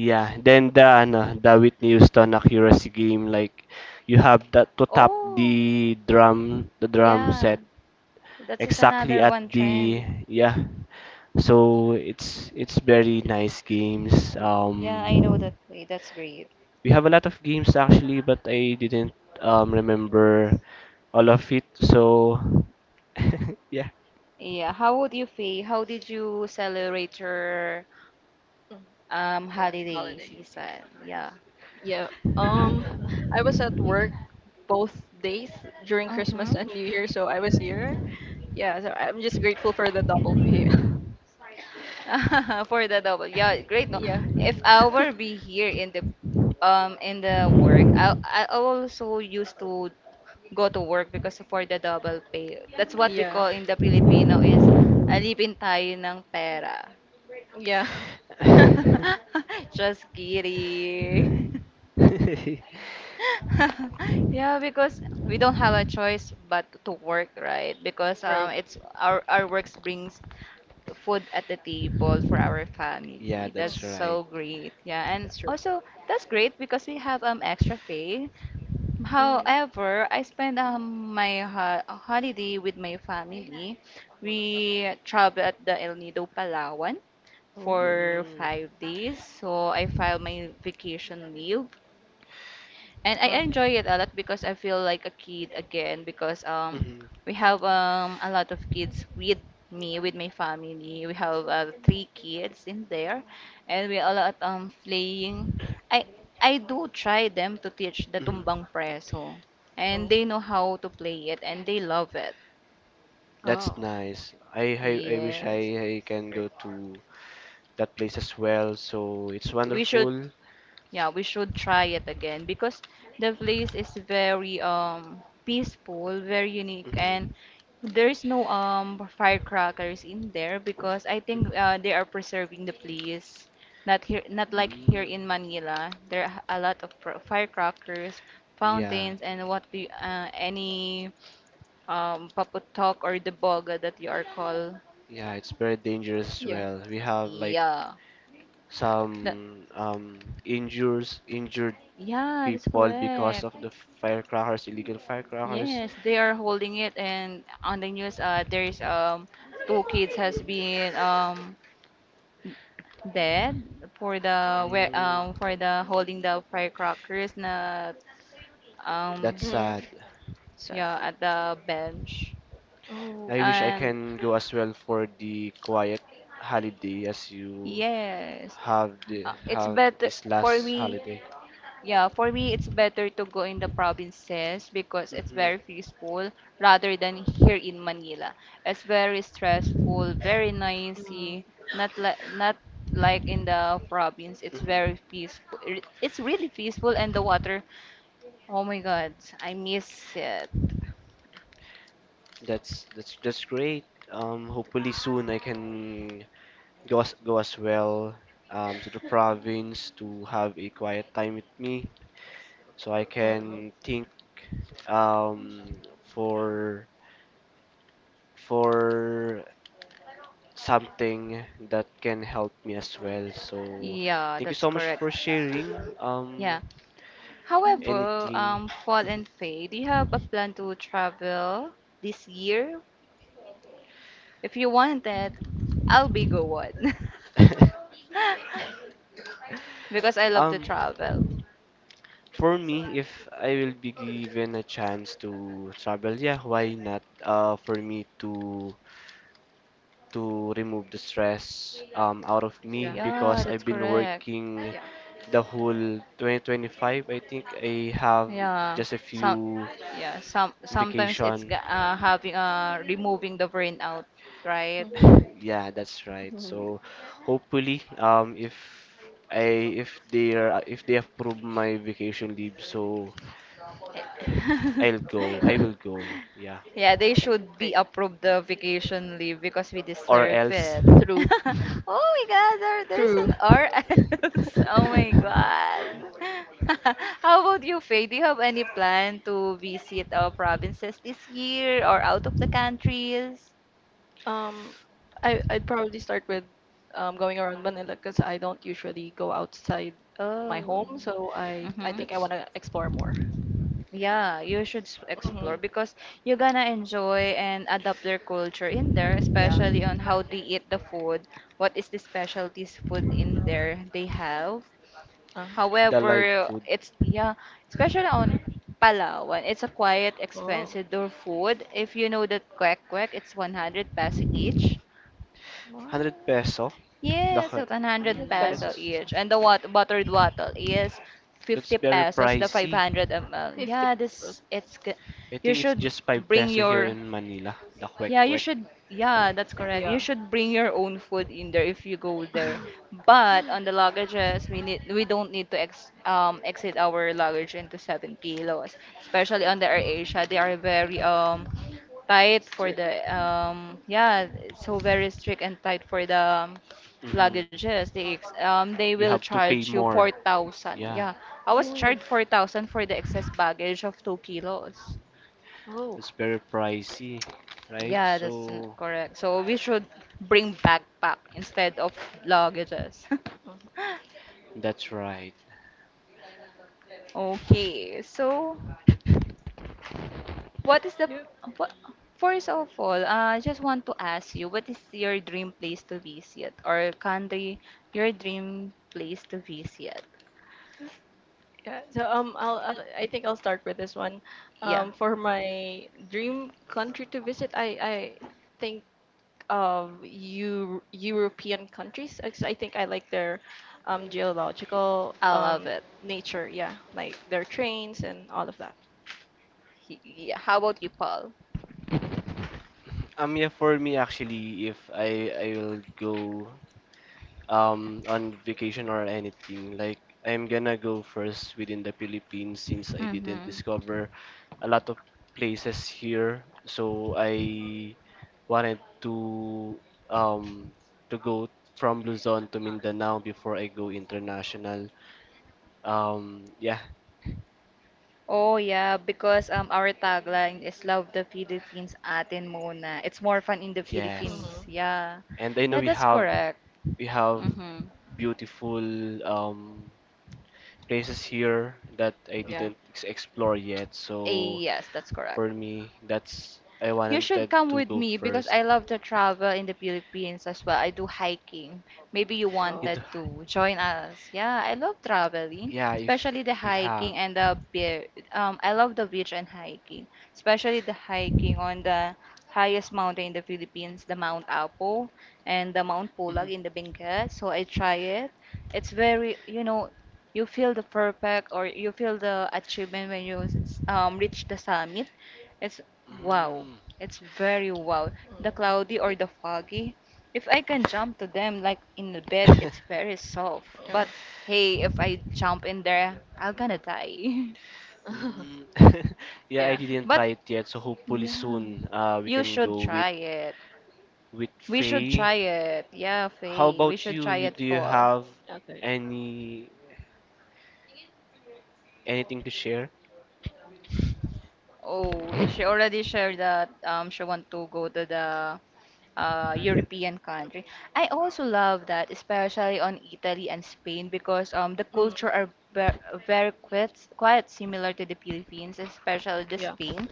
S2: Yeah, then the ano, the Whitney Houston accuracy game, like you have that to tap
S1: Oh,
S2: the drum
S1: yeah.
S2: set
S1: That's just
S2: exactly
S1: another
S2: at
S1: one
S2: the
S1: trend.
S2: yeah. So it's very nice games.
S1: Y- Yeah, I know that. Wait, that's great.
S2: We have a lot of games actually, but I didn't remember all of it. So yeah.
S1: Yeah, how would you feel? How did you celebrate your
S3: The
S1: holiday
S3: holiday.
S1: season? Yeah.
S3: Yeah. Um, I was at work both days during Christmas
S1: Uh-huh.
S3: and New Year, so I was here. Yeah, so I'm just grateful for the double pay.
S1: For the double. Yeah, great. No,
S3: yeah.
S1: if I were be here in the work, I also used to go to work because for the double pay. That's what we
S3: Yeah.
S1: call in the Filipino is alipin tayo ng pera.
S3: Yeah.
S1: Just kidding. Yeah, because we don't have a choice but to work, right? Because
S3: Right.
S1: it's our works brings food at the table for our
S2: Yeah,
S1: family. That's
S2: that's
S3: hmm
S2: right.
S1: so great. Yeah, and
S3: That's true.
S1: also that's great because we have extra pay.
S3: Hmm
S1: However, I spend my ho holiday with my family. We travel at the El Nido, Palawan
S3: Oh.
S1: for
S2: Mm,
S1: 5 days. So I file my vacation leave, and I
S3: Wow.
S1: enjoy it a lot because I feel like a kid again, because
S2: mhm,
S1: we have
S3: hmm
S1: a lot of kids with me, with my family, we have three kids in there, and we a lot playing. I I do try them to teach the
S2: mhm.
S1: tumbang preso, and
S3: Oh.
S1: they know how to play it and they love it.
S2: That's
S3: Oh.
S2: nice. I wish
S1: Yes,
S2: I can
S3: Great.
S2: go to that place as well. So it's
S1: we should
S2: wonderful.
S1: yeah we should try it again because the place is very peaceful, very unique, and
S2: Mhm.
S1: there is no firecrackers in there because I think they are preserving the place. Not here, not like here in
S2: Mm.
S1: Manila. There are a lot of firecrackers,
S2: Yeah,
S1: fountains, and what do you, any paputok or the boga that you are called.
S2: yeah, it's very dangerous as
S3: Yeah.
S2: well. We have like
S1: Yeah. That,
S2: some injures injured
S1: yeah, that's
S2: people because
S1: correct.
S2: of the firecrackers, illegal firecrackers.
S1: Yes, they are holding it, and on the news, there's two kids has been dead for the where
S2: Mm,
S1: for the holding the firecrackers na um
S2: that's
S3: mm
S2: sad.
S3: Sad.
S1: yeah at the bench,
S3: Oh.
S2: I wish I
S1: and
S2: can go as well for the quiet holiday as you
S1: yes.
S2: have the
S1: It's
S2: have
S1: better
S2: this
S1: for
S2: last
S1: me.
S2: holiday.
S1: Yeah, for me it's better to go in the provinces because it's
S2: Mhm.
S1: very peaceful rather than here in Manila. It's very stressful, very
S3: Mm-hmm.
S1: noisy, not like in the province. It's
S2: Hmm.
S1: very peaceful. It's really peaceful and the water. Oh my God, I miss it.
S2: That's great. Hopefully soon I can go as well to the province to have a quiet time with me, so I can think um, for for something that can help me as well. So
S1: Yeah,
S2: thank you
S1: that's
S2: so much
S1: correct.
S2: for sharing
S1: Yeah. However,
S2: anything.
S1: Paul
S2: Mhm.
S1: and Faye, do you have a plan to travel this year? If you want it, I'll be going. Because I
S3: Yeah.
S1: love to
S2: Um,
S1: travel.
S2: For me, if I will be given a chance to travel, yeah, why not? For me to remove the stress out of
S3: Yeah.
S2: me
S1: Yeah,
S2: because I've
S1: that's
S2: been
S1: correct.
S2: working
S3: Yeah.
S2: the whole 2025. I think I have
S1: Yeah.
S2: just a
S1: Some
S2: few
S1: Yeah, sometimes it's
S2: vacation.
S1: having removing the burnout, right?
S3: hmm
S2: Yeah, that's right. So hopefully, if I if they are if they approve my vacation leave, so I'll go. I
S3: okay.
S2: will go. Yeah.
S1: Yeah, they should be
S3: Great.
S1: approved the vacation leave because we
S2: Or
S1: deserve
S2: else
S1: it.
S3: True.
S1: Oh my God, there's
S3: True.
S1: an RS. Oh my God. How about you, Faye? Do you have any plan to visit our provinces this year or out of the countries?
S3: Um, I'd probably start with going around Manila, because I don't usually go outside my
S1: Oh.
S3: home, so I
S1: Mm-hmm.
S3: think I
S2: that's
S3: want to explore more.
S1: Yeah, you should
S2: mhm.
S1: explore
S3: Mm-hmm.
S1: because you're gonna enjoy and adapt their culture in there,
S3: Yeah.
S1: especially on how they eat the food, what is the specialties food in there they have.
S3: Uh,
S2: The live
S1: However,
S2: food
S1: it's yeah, especially on Palawan, it's a quiet,
S3: oh,
S1: expensive door food. If you know that kwek kwek, it's 100 pesos each.
S3: what?
S2: 100 peso
S3: one
S2: the
S1: Yes, it's 100
S3: Hundred
S2: mm,
S1: peso
S3: pesos,
S1: each. And the wat buttered wattle is
S2: that's
S1: 50
S2: very
S1: pesos, the
S2: pricey.
S1: 500 ml.
S3: 50
S1: Yeah,
S3: pesos.
S2: I
S1: you
S2: think it's
S1: should
S2: just 5
S1: bring
S2: peso here
S1: your
S2: in Manila, the kwek
S1: yeah, you
S2: kwek.
S1: should. Yeah, that's correct. You
S3: Yeah.
S1: should bring your own food in there if you go there. But on the luggages, we don't need to ex exit our luggage into 7 kilos. Especially on the AirAsia, they are very tight for
S3: Strict.
S1: the yeah, so very strict and tight for the um,
S2: Hmm.
S1: luggages. They
S2: You
S1: will
S2: have to pay
S1: charge you four
S2: more,
S1: thousand.
S2: yeah,
S1: Yeah, I was
S3: Oh,
S1: charged 4,000 for the excess baggage of 2 kilos.
S3: oh.
S2: that's very pricey, right?
S1: Yeah,
S2: So
S1: correct. So we should bring backpack instead of luggages.
S3: Mhm.
S2: that's right.
S1: Okay, so what is the
S3: Yeah.
S1: what first of all, I just want to ask you, what is your dream place to visit or country, your dream place to visit?
S3: Yeah, so I'll I think I'll start with this one.
S1: Yeah,
S3: For my dream country to visit, I think of European countries. I think I like their geological
S1: I love it.
S3: nature. Yeah, like their trains and all of that.
S1: Yeah, how about you, Paul?
S2: Yeah, for me actually if I will go on vacation or anything. Like I'm gonna go first within the Philippines since I didn't
S1: Mm-hmm.
S2: discover a lot of places here. So I wanted to um go from Luzon to Mindanao before I go international. Yeah,
S1: Oh yeah, because our tagline is love the Philippines atin muna. It's more fun in the
S2: yes.
S1: Philippines.
S3: Mm-hmm.
S1: Yeah.
S2: And I know
S1: Yeah,
S2: we
S1: that's
S2: have
S1: correct.
S2: we have
S1: Mhm.
S2: beautiful um places here that I
S3: Yeah.
S2: didn't explore yet.
S1: Eh,
S2: So
S1: yes, that's correct.
S2: for me, that's I
S1: You
S2: wanted to
S1: should come with
S2: go
S1: me because
S2: first.
S1: I love to travel in the Philippines as well. I do hiking. Maybe you
S3: Oh.
S2: It,
S1: wanted to join us. Yeah, I love traveling,
S2: yeah,
S1: especially the
S2: if we have.
S1: hiking and the beach. I love the beach and hiking, especially the hiking on the highest mountain in the Philippines, the Mount Apo and the Mount
S2: Mhm.
S1: Pulag in the Benguet. So I try it. It's very, you know, you feel the perfect or you feel the achievement when you reach the summit. It's wow.
S2: Mm,
S1: It's very wild. The
S3: Mm,
S1: cloudy or the foggy. If I can jump to them like in the bed,
S2: yeah.
S1: it's very soft.
S3: yeah.
S1: But hey, if I jump in there, I'm gonna die.
S2: Mm. Yeah, I
S3: Yeah.
S2: didn't try
S1: But
S2: it yet, so hopefully
S1: yeah,
S2: soon we
S1: you
S2: can
S1: should
S2: go
S1: try it.
S2: with
S1: We should
S2: Faye.
S1: try it. Yeah,
S2: How
S1: Faye, we
S2: about
S1: should
S2: you?
S1: try
S2: You
S1: it,
S2: do you
S1: Paul.
S2: have
S3: Okay.
S2: any anything to share?
S1: Oh, she already shared that she want to go to the European country. I also love that, especially on Italy and Spain, because the
S3: Mm-hmm.
S1: culture are very quite similar to the Philippines, especially the
S3: Yeah.
S1: Spain.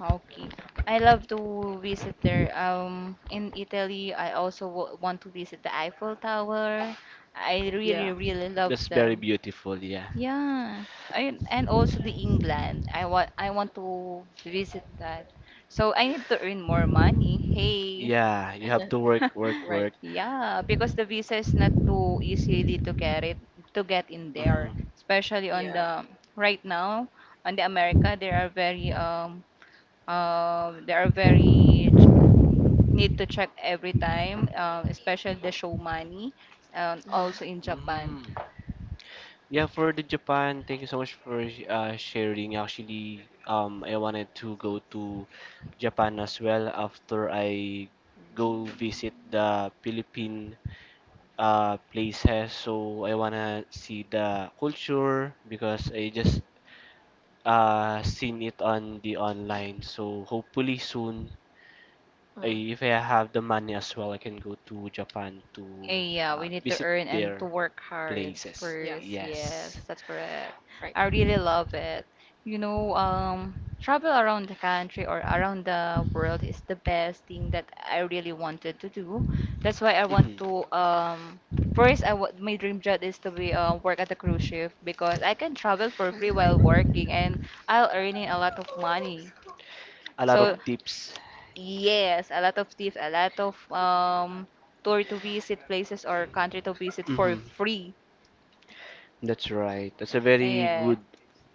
S1: Okay, I love to visit there. In Italy, I also want to visit the Eiffel Tower. I really,
S3: Yeah.
S1: really love
S2: That's very
S1: them.
S2: beautiful, yeah.
S1: Yeah, and also the England. I want to visit that. So I need to earn more money. Hey.
S2: Yeah, you have to work, work,
S3: Right.
S2: work.
S1: Yeah, because the visa is not too easily to get in there,
S2: Mhm.
S1: especially on
S3: Yeah.
S1: the right now on the America there are very there are need to check every time, especially the show money, and also
S3: Mm-hmm.
S1: in Japan.
S2: Mm. Yeah, for the Japan, thank you so much for sharing. Actually, I wanted to go to Japan as well after I go
S3: Mhm.
S2: visit the Philippine places. So I wanna see the culture because I just seen it on the online. So hopefully soon, I,
S3: Mm.
S2: if I have the money as well, I can go to Japan to
S1: Eh, yeah, we need to
S2: visit
S1: earn and to
S2: their
S1: work hard
S2: places.
S3: Yeah.
S1: first.
S2: Yes.
S1: Yes, that's correct.
S3: Right.
S1: I really love it. You know, travel around the country or around the world is the best thing that I really wanted to do. That's why I want
S2: Mhm.
S1: to first I want my dream job is to be work at a cruise ship because I can travel for free while
S3: Mhm.
S1: working and I'll earning a lot of money.
S2: A
S3: Oh.
S2: lot of
S1: So
S2: tips.
S1: yes, a lot of tips, a lot of tour to visit places or country to visit for
S2: Hmm.
S1: free.
S2: That's right. That's a very
S1: Yeah.
S2: good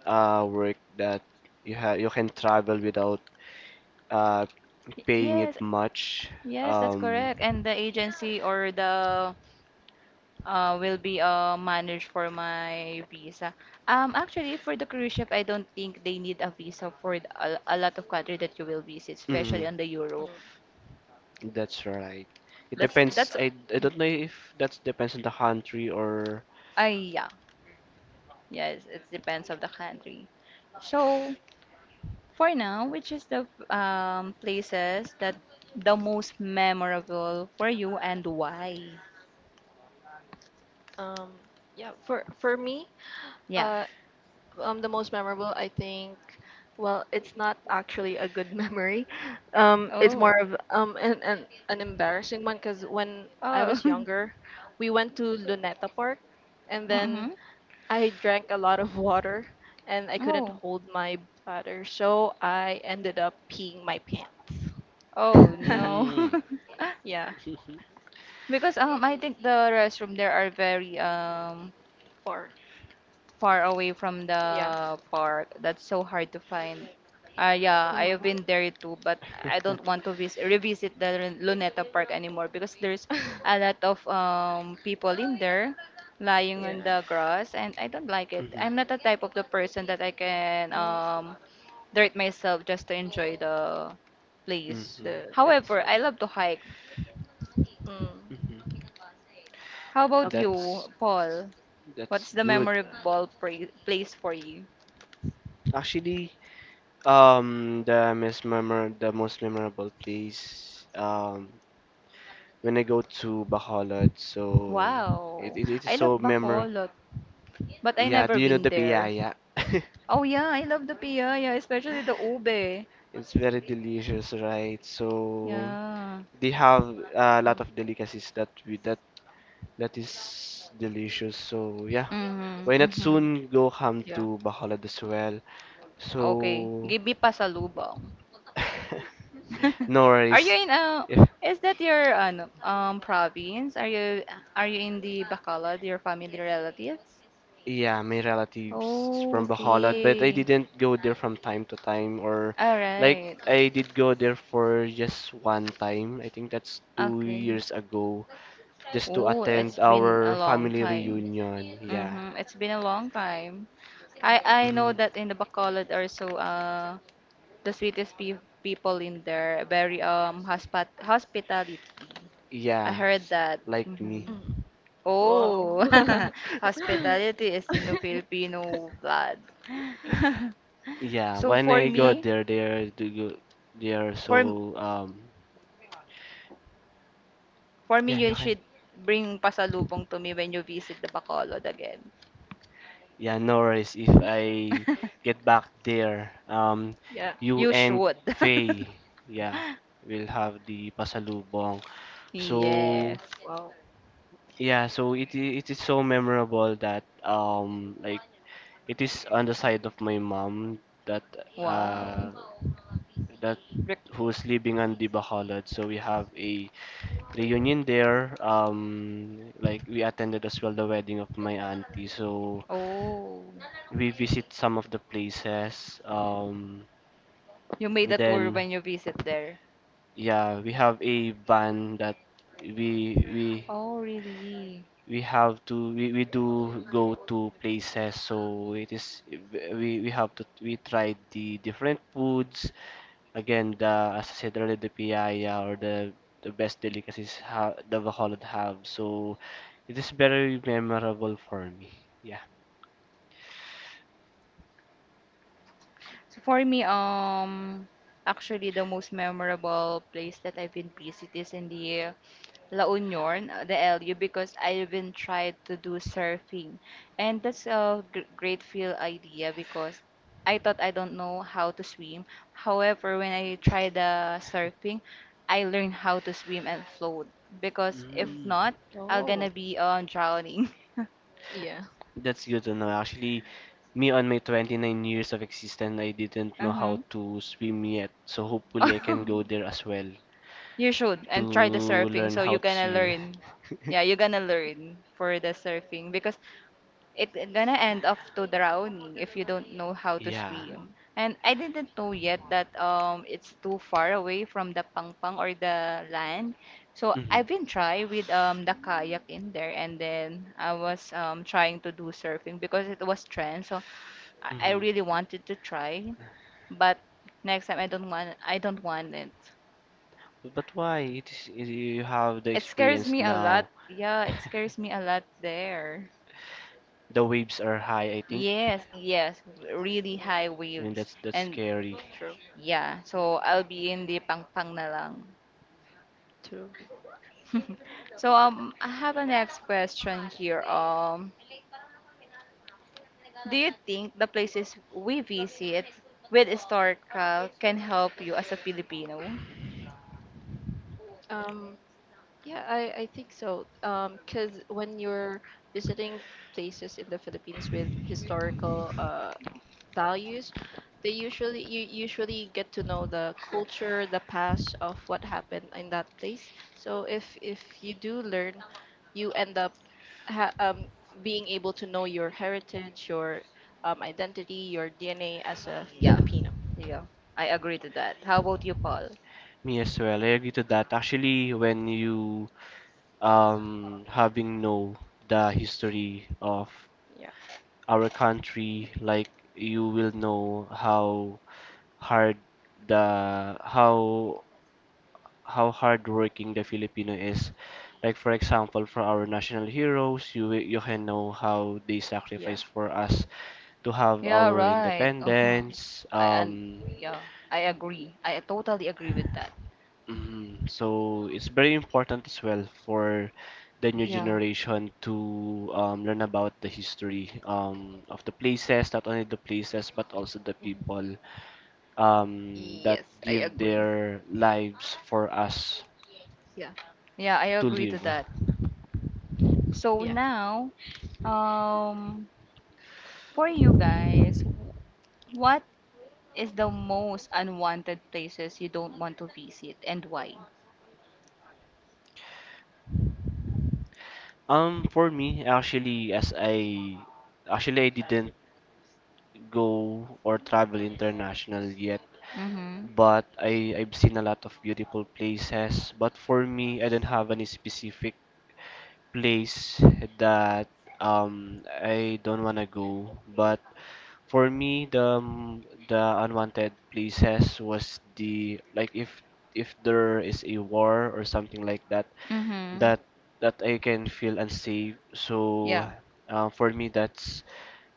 S2: work that you have you can travel without uh paying it
S1: Yes,
S2: much.
S1: yes, that's
S2: Um,
S1: correct. And the agency or the will be managed for my visa. Actually, for the cruise ship, I don't think they need a visa for a lot of country that you will visit,
S2: mhm,
S1: especially on the Europe.
S3: Mm.
S2: that's right. It
S1: That's
S2: depends.
S1: that's.
S2: I don't know if that depends on the country or
S1: Ay, yeah. Yes, it depends of the country. So. For now, which is the places that the most memorable for you and why?
S3: Um, yeah, for me,
S1: Yeah.
S3: uh, the most memorable, I think, well, it's not actually a good memory. It's more
S1: Oh.
S3: of an embarrassing one, because when I
S1: Oh.
S3: was younger, we went to Luneta Park, and then
S1: Mm-hmm.
S3: I drank a lot of water, and I couldn't
S1: Oh.
S3: hold my bladder, so I ended up peeing my pants.
S1: Oh no.
S2: mm.
S3: Yeah,
S2: Hmm.
S1: Because I think the restroom there are very
S3: for
S1: far away from
S3: yeah,
S1: the park. That's so hard to find. Ah, yeah, I have been
S3: hmm
S1: there too, but I don't want to vis revisit the Luneta Park anymore because there's a lot of people in there lying on
S3: yeah.
S1: the grass, and I don't like it. I'm not the type of the person that I can
S3: Well,
S1: dirt myself just to enjoy the place.
S2: Hmm.
S3: the
S1: However,
S3: so
S1: I love to hike.
S3: Mm.
S2: Hmm.
S1: How about
S3: Okay.
S2: That's
S1: you, Paul? What's
S2: that's
S1: the
S2: good.
S1: memorable place for you?
S2: Actually, the most memor the most memorable place when I go to Bacolod. So
S1: Wow.
S2: it is
S1: I
S2: so
S1: love
S2: memorable.
S1: Bacolod, but I
S2: Yeah,
S1: never
S2: do you know
S1: been
S2: the
S1: there.
S2: piyaya?
S1: Oh yeah, I love the piyaya, especially the ube.
S2: It's very delicious, right? So
S1: Yeah.
S2: they have a lot
S3: Mm.
S2: of delicacies that we that that is delicious. So yeah, why
S1: Mm-hmm,
S2: not
S1: mm-hmm.
S2: soon go come
S3: Yeah.
S2: to Bacolod as well?
S1: Okay.
S2: So
S1: Give me pasalubong.
S2: no
S1: Are you
S2: worries.
S1: in
S2: If
S1: is that your ano, province? Are you in the Bacolod, your family relatives?
S2: yeah, my relatives is
S1: Oh,
S2: from Bacolod, but I
S1: okay.
S2: didn't go there from time to time, or
S1: All
S2: like
S1: right.
S2: I did go there for just one time. I think that's two
S1: Okay.
S2: years ago, just to
S1: Oh,
S2: attend
S1: it's been
S2: our
S1: a long
S2: family
S1: time.
S2: reunion. Yeah,
S1: Mm-hmm. It's been a long time. I know
S2: hmm.
S1: that in the Bacolod also the sweetest pe people in there very hospat hospitality. I
S2: Yeah,
S1: heard
S2: s-
S1: that.
S2: like me.
S1: Mm-hmm.
S3: Mm. Wow.
S1: Oh, hospitality is in the Filipino blood.
S2: Yeah,
S1: So
S2: when
S1: for
S2: I go
S3: Yeah.
S1: me,
S2: there, they are do go there.
S1: for m-
S2: So
S1: for me,
S2: yeah,
S1: you
S2: you can.
S1: should bring pasalubong to me when you visit the Bacolod again.
S2: Yeah, no worries. If I get back there,
S3: Yeah.
S2: you
S1: You
S2: and
S1: should.
S2: Faye, yeah, will have the pasalubong. So
S1: Yes.
S3: Wow.
S2: yeah, so it is so memorable that like it is on the side of my mom that uh
S1: Wow.
S2: that
S1: Rec-
S2: who's
S3: Mm.
S2: living on the Bacolod. So we have a reunion there. Like we attended as well the wedding of my auntie. So
S1: oh.
S2: we visit some of the places.
S1: You made a tour
S2: Then
S1: when you visit there.
S2: yeah, we have a van that we we
S1: Oh, really?
S2: we have to we do go to places so it is we have to we try the different foods again the as I said earlier the piaya or the best delicacies ha the Bacolod have, so it is very memorable for me, yeah.
S1: So for me, actually the most memorable place that I've been visit is in the La Union, the LU, because I've been tried to do surfing, and that's a great feel idea because I thought I don't know how to swim. However, when I tried the surfing, I learned how to swim and float because
S3: Mm.
S1: if
S2: Mm.
S1: not, I'm gonna
S3: Oh.
S1: be drowning.
S3: Yeah.
S2: That's good to know. Actually, me on my 29 years of existence, I didn't know how
S1: Uh-huh.
S2: to swim yet. So hopefully I can go
S3: Mm.
S2: there as well
S1: You should
S2: to
S1: and try the surfing
S2: learn
S1: so
S2: how
S1: you're
S2: to
S1: gonna
S2: swim.
S1: learn. Yeah, you're gonna learn for the surfing because it gonna end up to drowning if you don't know how to
S2: Yeah.
S1: swim.
S3: Mhm.
S1: And I didn't know yet that it's too far away from the pangpang or the land. So
S2: Hmm.
S1: I've been try with the kayak in there and then I was trying to do surfing because it was trend. So I
S2: Hmm.
S1: really wanted to try, but next time I don't want it.
S2: But why? It is, it- you have the
S1: It scares
S2: experience
S1: me a lot.
S2: now.
S1: Yeah, it scares me a lot there.
S2: The waves are high, I think,
S1: Yes, yes, really
S3: Mm.
S1: high
S2: and
S1: waves.
S2: that's
S1: And
S2: scary.
S3: True.
S1: yeah, so I'll be in the pang pang na lang.
S3: True.
S1: So I have a next question here. Do you think the places we visit with historical can help you as a Filipino?
S3: Um. Yeah, I think so. 'Cause when you're visiting places in the Philippines with historical values, they usually you usually get to know the culture, the past of what happened in that place. So if you do learn, you end up ha being able to know your heritage, your identity, your DNA as a
S1: Yeah.
S3: Filipino.
S1: Yeah. I agree to that. How about you, Paul?
S2: Me as well. I agree to that. Actually, when you having know the history of
S3: Yeah,
S2: our country, like you will know how hard the how hardworking the Filipino is. Like for example, for our national heroes, you will- you can know how they
S3: yeah,
S2: sacrifice for us to have
S1: Yeah,
S2: our
S1: right. Uh-huh.
S2: independence.
S1: I and yeah, I agree. I totally agree with that.
S2: Mhm. So it's very important as well for the new
S1: Yeah.
S2: generation to learn about the history of the places, not only the places but also the
S3: Mhm.
S2: people, that
S1: Yes, I
S2: give
S1: agree.
S2: their lives for us
S3: yeah,
S1: Yeah, I
S2: to
S1: agree to
S2: live.
S1: that. So
S3: yeah,
S1: now, um, for you guys, what is the most unwanted places you don't want to visit and why?
S2: For me, actually, as I actually I didn't go or travel international yet,
S1: Mm-hmm.
S2: but I I've seen a lot of beautiful places. But for me, I don't have any specific place that I don't wanna go, but for me the unwanted places was the like if there is a war or something like that
S1: Mm-hmm.
S2: that that I can feel unsafe. So
S1: Yeah.
S2: for me that's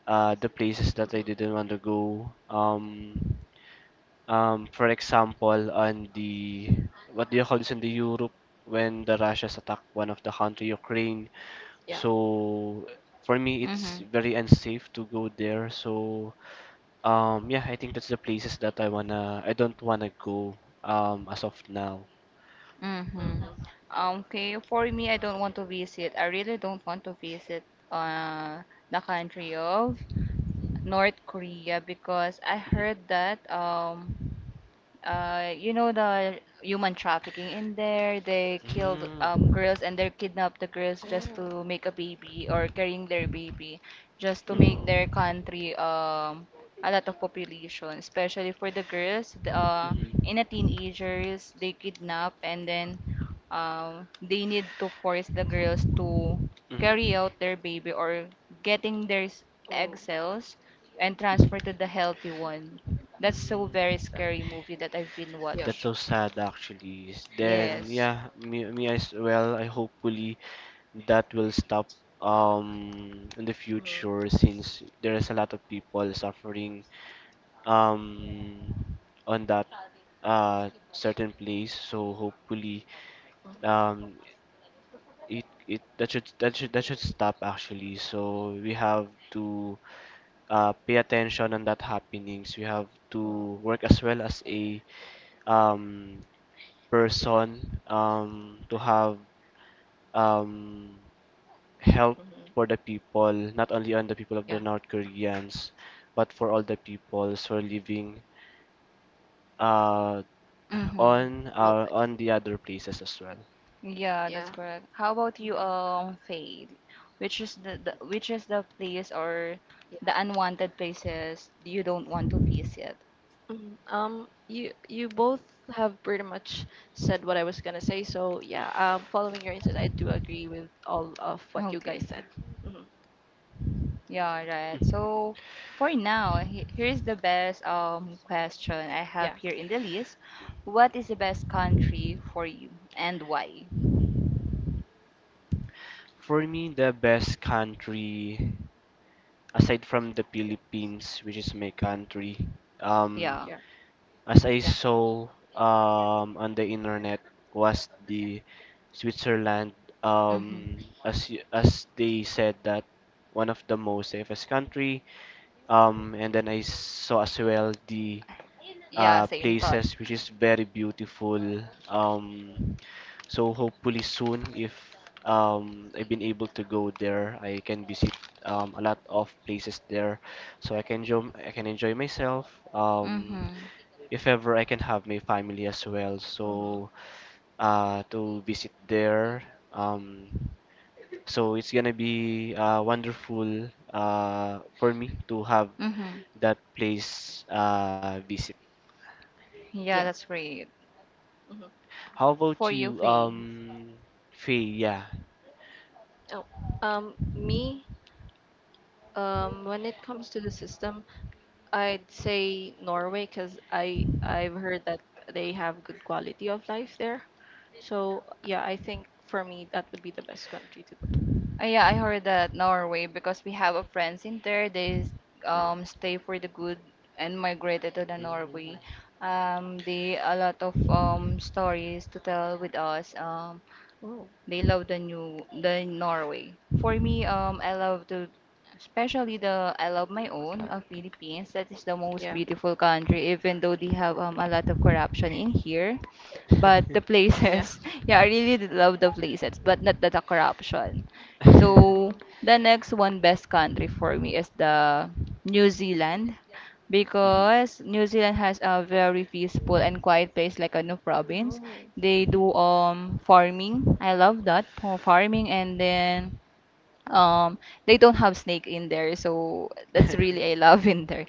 S2: the places that I
S3: hmm
S2: didn't want to go. For example, on the what do you call this in the Europe when the Russians attacked one of the country, Ukraine.
S3: yeah.
S2: So for me,
S1: Mm-hmm.
S2: it's very unsafe to go there. So yeah, I think that's the places that I wanna, I don't wanna go as of now.
S1: Mm-hmm.
S3: hmm
S1: Okay, for me, I really don't want to visit uh the country of North Korea because I
S2: Mhm.
S1: heard that you know the human trafficking in there they killed
S2: Mm,
S1: girls and they kidnapped the girls just
S3: Oh.
S1: to make a baby or carrying their baby just to make
S3: Oh,
S1: their
S2: mhm,
S1: country a lot of population especially for the girls the,
S2: mhm,
S1: in the teenagers they kidnap and then they need to force the girls to
S2: mhm,
S1: carry out their baby or getting egg
S3: oh,
S1: cells and
S2: mhm,
S1: transfer to the healthy one. That's so very
S2: mm.
S3: sad.
S1: scary movie that I've been
S3: Yeah,
S2: That's
S1: watch.
S2: so sad, actually. S-
S3: yeah.
S2: Then
S1: Yes.
S2: yeah, me, me as well. I hopefully that will stop in the
S3: Mhm,
S2: future since there is a lot of people suffering um on that certain place, so hopefully
S3: mhm,
S2: um it it that should that should stop actually so we have to pay attention on that happenings we have to
S3: mhm,
S2: work as well as a um person to have um help
S3: mhm.
S2: for the people not only on the people of the
S3: Yeah,
S2: North Koreans but for all the peoples who are living uh
S1: Mm-hmm.
S3: worldwide.
S2: on the other places as well.
S1: Yeah, that's
S3: Yeah,
S1: correct. How about you,
S3: mhm,
S1: Faye? Which is the place or
S3: yeah.
S1: the unwanted places you don't want to visit?
S3: Mhm. You both have pretty much said what I was gonna say. So yeah, following your insight, I do agree with all of what you
S1: Okay.
S3: guys said. Hmm
S1: Yeah, right.
S2: Mm-hmm.
S1: So for now, here is the best question I have
S3: Yeah,
S1: here in the list. What is the best country for you and why?
S2: For me, the best country aside from the Philippines, which is my country, um,
S1: Yeah.
S3: yeah,
S2: as I
S3: yeah.
S2: saw on the internet, was the Switzerland.
S1: Mm-hmm.
S2: Um, as as they said that one of the most safest country. And then I saw as well the
S1: Yeah, same thought.
S2: places which is very beautiful. Um, so hopefully soon, if I've been able to go there, I can visit a lot of places there, so I can enjoy myself.
S1: Mm-hmm.
S2: If ever I can have my family as well,
S3: hmm
S2: so to visit there. Um, so it's gonna be wonderful for me to have
S1: Mm-hmm.
S2: that place visit.
S1: Yeah,
S3: Yeah.
S1: that's great.
S3: hmm
S2: How about
S1: For you,
S2: you,
S1: Faye.
S2: Faye? Yeah.
S3: Oh, me, when it comes to the system, I'd say Norway, because I've heard that they have good quality of life there. So yeah, I think for me that would be the best country to
S1: Yeah, I heard that Norway because we have a friends in there. They
S3: go. Mm.
S1: stay for the good and migrated to the Norway.
S2: Mhm.
S1: They a lot of stories to tell with us.
S3: Oh.
S1: They love the Norway. For me, I love to, especially the I love my own Philippines. That is the most
S3: Yeah,
S1: beautiful country, even though they have a lot of corruption in here. But the
S3: yeah.
S1: places, yeah, I really did love the places, but not the corruption. So
S3: Mm.
S1: the next one best country for me is the New Zealand
S2: Mhm.
S1: because New Zealand has a very peaceful and quiet place like a new province.
S3: No.
S1: They
S2: Mhm.
S1: do farming. I love that for farming and then um they don't have snake in there, so that's really I love in there.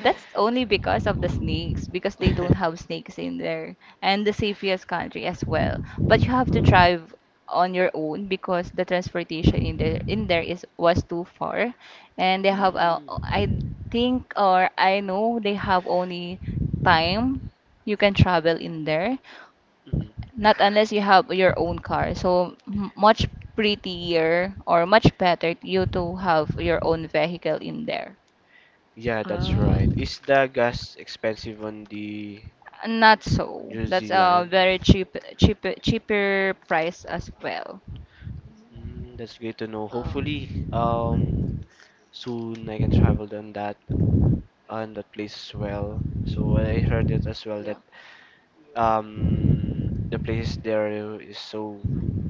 S3: Oh,
S1: only because of the snakes, because they don't have snakes in there, and the safest country as well. But you have to
S3: mm.
S1: drive on your own because the transportation
S2: Mhm.
S1: in there is was too far, and they
S3: Oh,
S1: have a
S2: Mm, mhm.
S1: I think or I know they have only time you can travel in there. Not unless you have your own car. So much prettier or much better you to have your own vehicle in there.
S2: Yeah, that's
S3: Uh,
S2: right. Is the gas expensive on the
S1: Not so.
S2: New
S1: That's a
S2: Zealand?
S1: very cheaper price as well.
S2: Mm, that's great to know.
S3: uh,
S2: Hopefully, soon I can travel on that place as well. So I heard it as well
S3: yeah,
S2: that the place there is so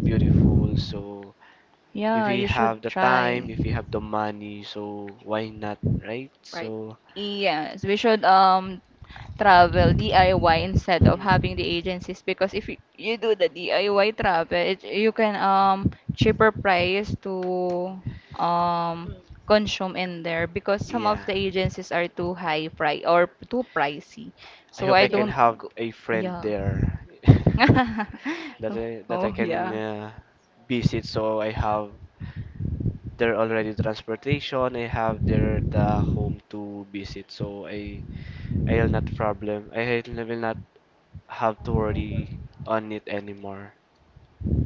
S2: beautiful. So if
S1: Yeah,
S2: we
S1: you
S2: have
S1: should
S2: the time,
S1: try.
S2: if we have the money, so why not, right?
S3: right.
S2: So,
S1: Yes, we should travel DIY instead of having the agencies because if you, you do the DIY travel, it, you can cheaper price to um
S3: Mm.
S1: consume in there because some of
S2: yeah.
S1: the agencies are too high price or too pricey.
S2: I
S1: So
S2: hope
S1: I
S2: I
S3: Yeah.
S2: can
S1: don't
S2: have
S1: go,
S2: a friend
S1: yeah.
S2: there that that I
S1: Oh
S2: can
S1: yeah.
S2: visit. So I have there already transportation. I have there the home to visit. So I I'll not problem. I will not have to worry on it anymore.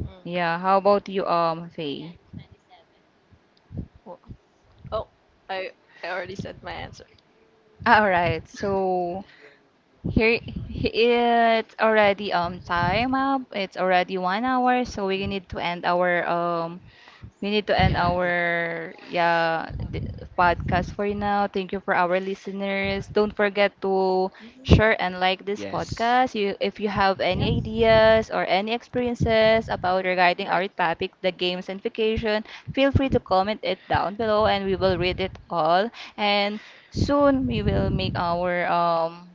S3: Mm.
S1: Yeah, how about you Faye?
S3: Oh, oh, I I already said my answer.
S1: All right. So here, it's already time up. It's already 1 hour, so we
S2: Mhm.
S1: need to end our
S3: Yeah.
S1: yeah the podcast for now. Thank you for our listeners. Don't forget to
S3: hmm
S1: share and like this
S2: Yes.
S1: podcast. You, if you have
S3: Yep.
S1: any ideas or any experiences about regarding
S3: Right.
S1: our topic, the games and vacation, feel free
S2: Mhm.
S1: to comment it down below, and we will read it all. And soon we will make our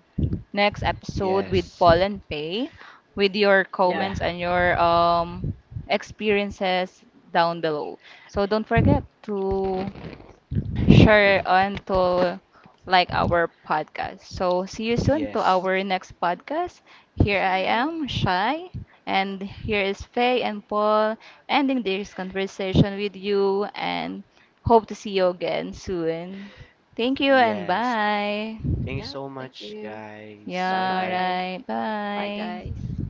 S1: next episode with
S2: Yes.
S1: Paul and Pay with your
S3: Yeah.
S2: Yeah.
S1: comments and your experiences down below. So don't forget to share and to like our podcast. So see you soon to
S2: Yes.
S1: our next podcast. Here
S3: See
S1: I
S3: you.
S1: am, Shai, and here is Faye and Paul ending this conversation with you and hope to see you again soon. Thank you and
S2: Yes.
S1: bye.
S2: Thank you
S3: Yeah.
S2: so
S3: Thank
S2: much,
S3: you.
S2: guys.
S3: Bye
S2: Bye
S1: Yeah,
S2: bye.
S3: bye.
S1: right.
S3: Bye
S1: Bye.
S3: guys.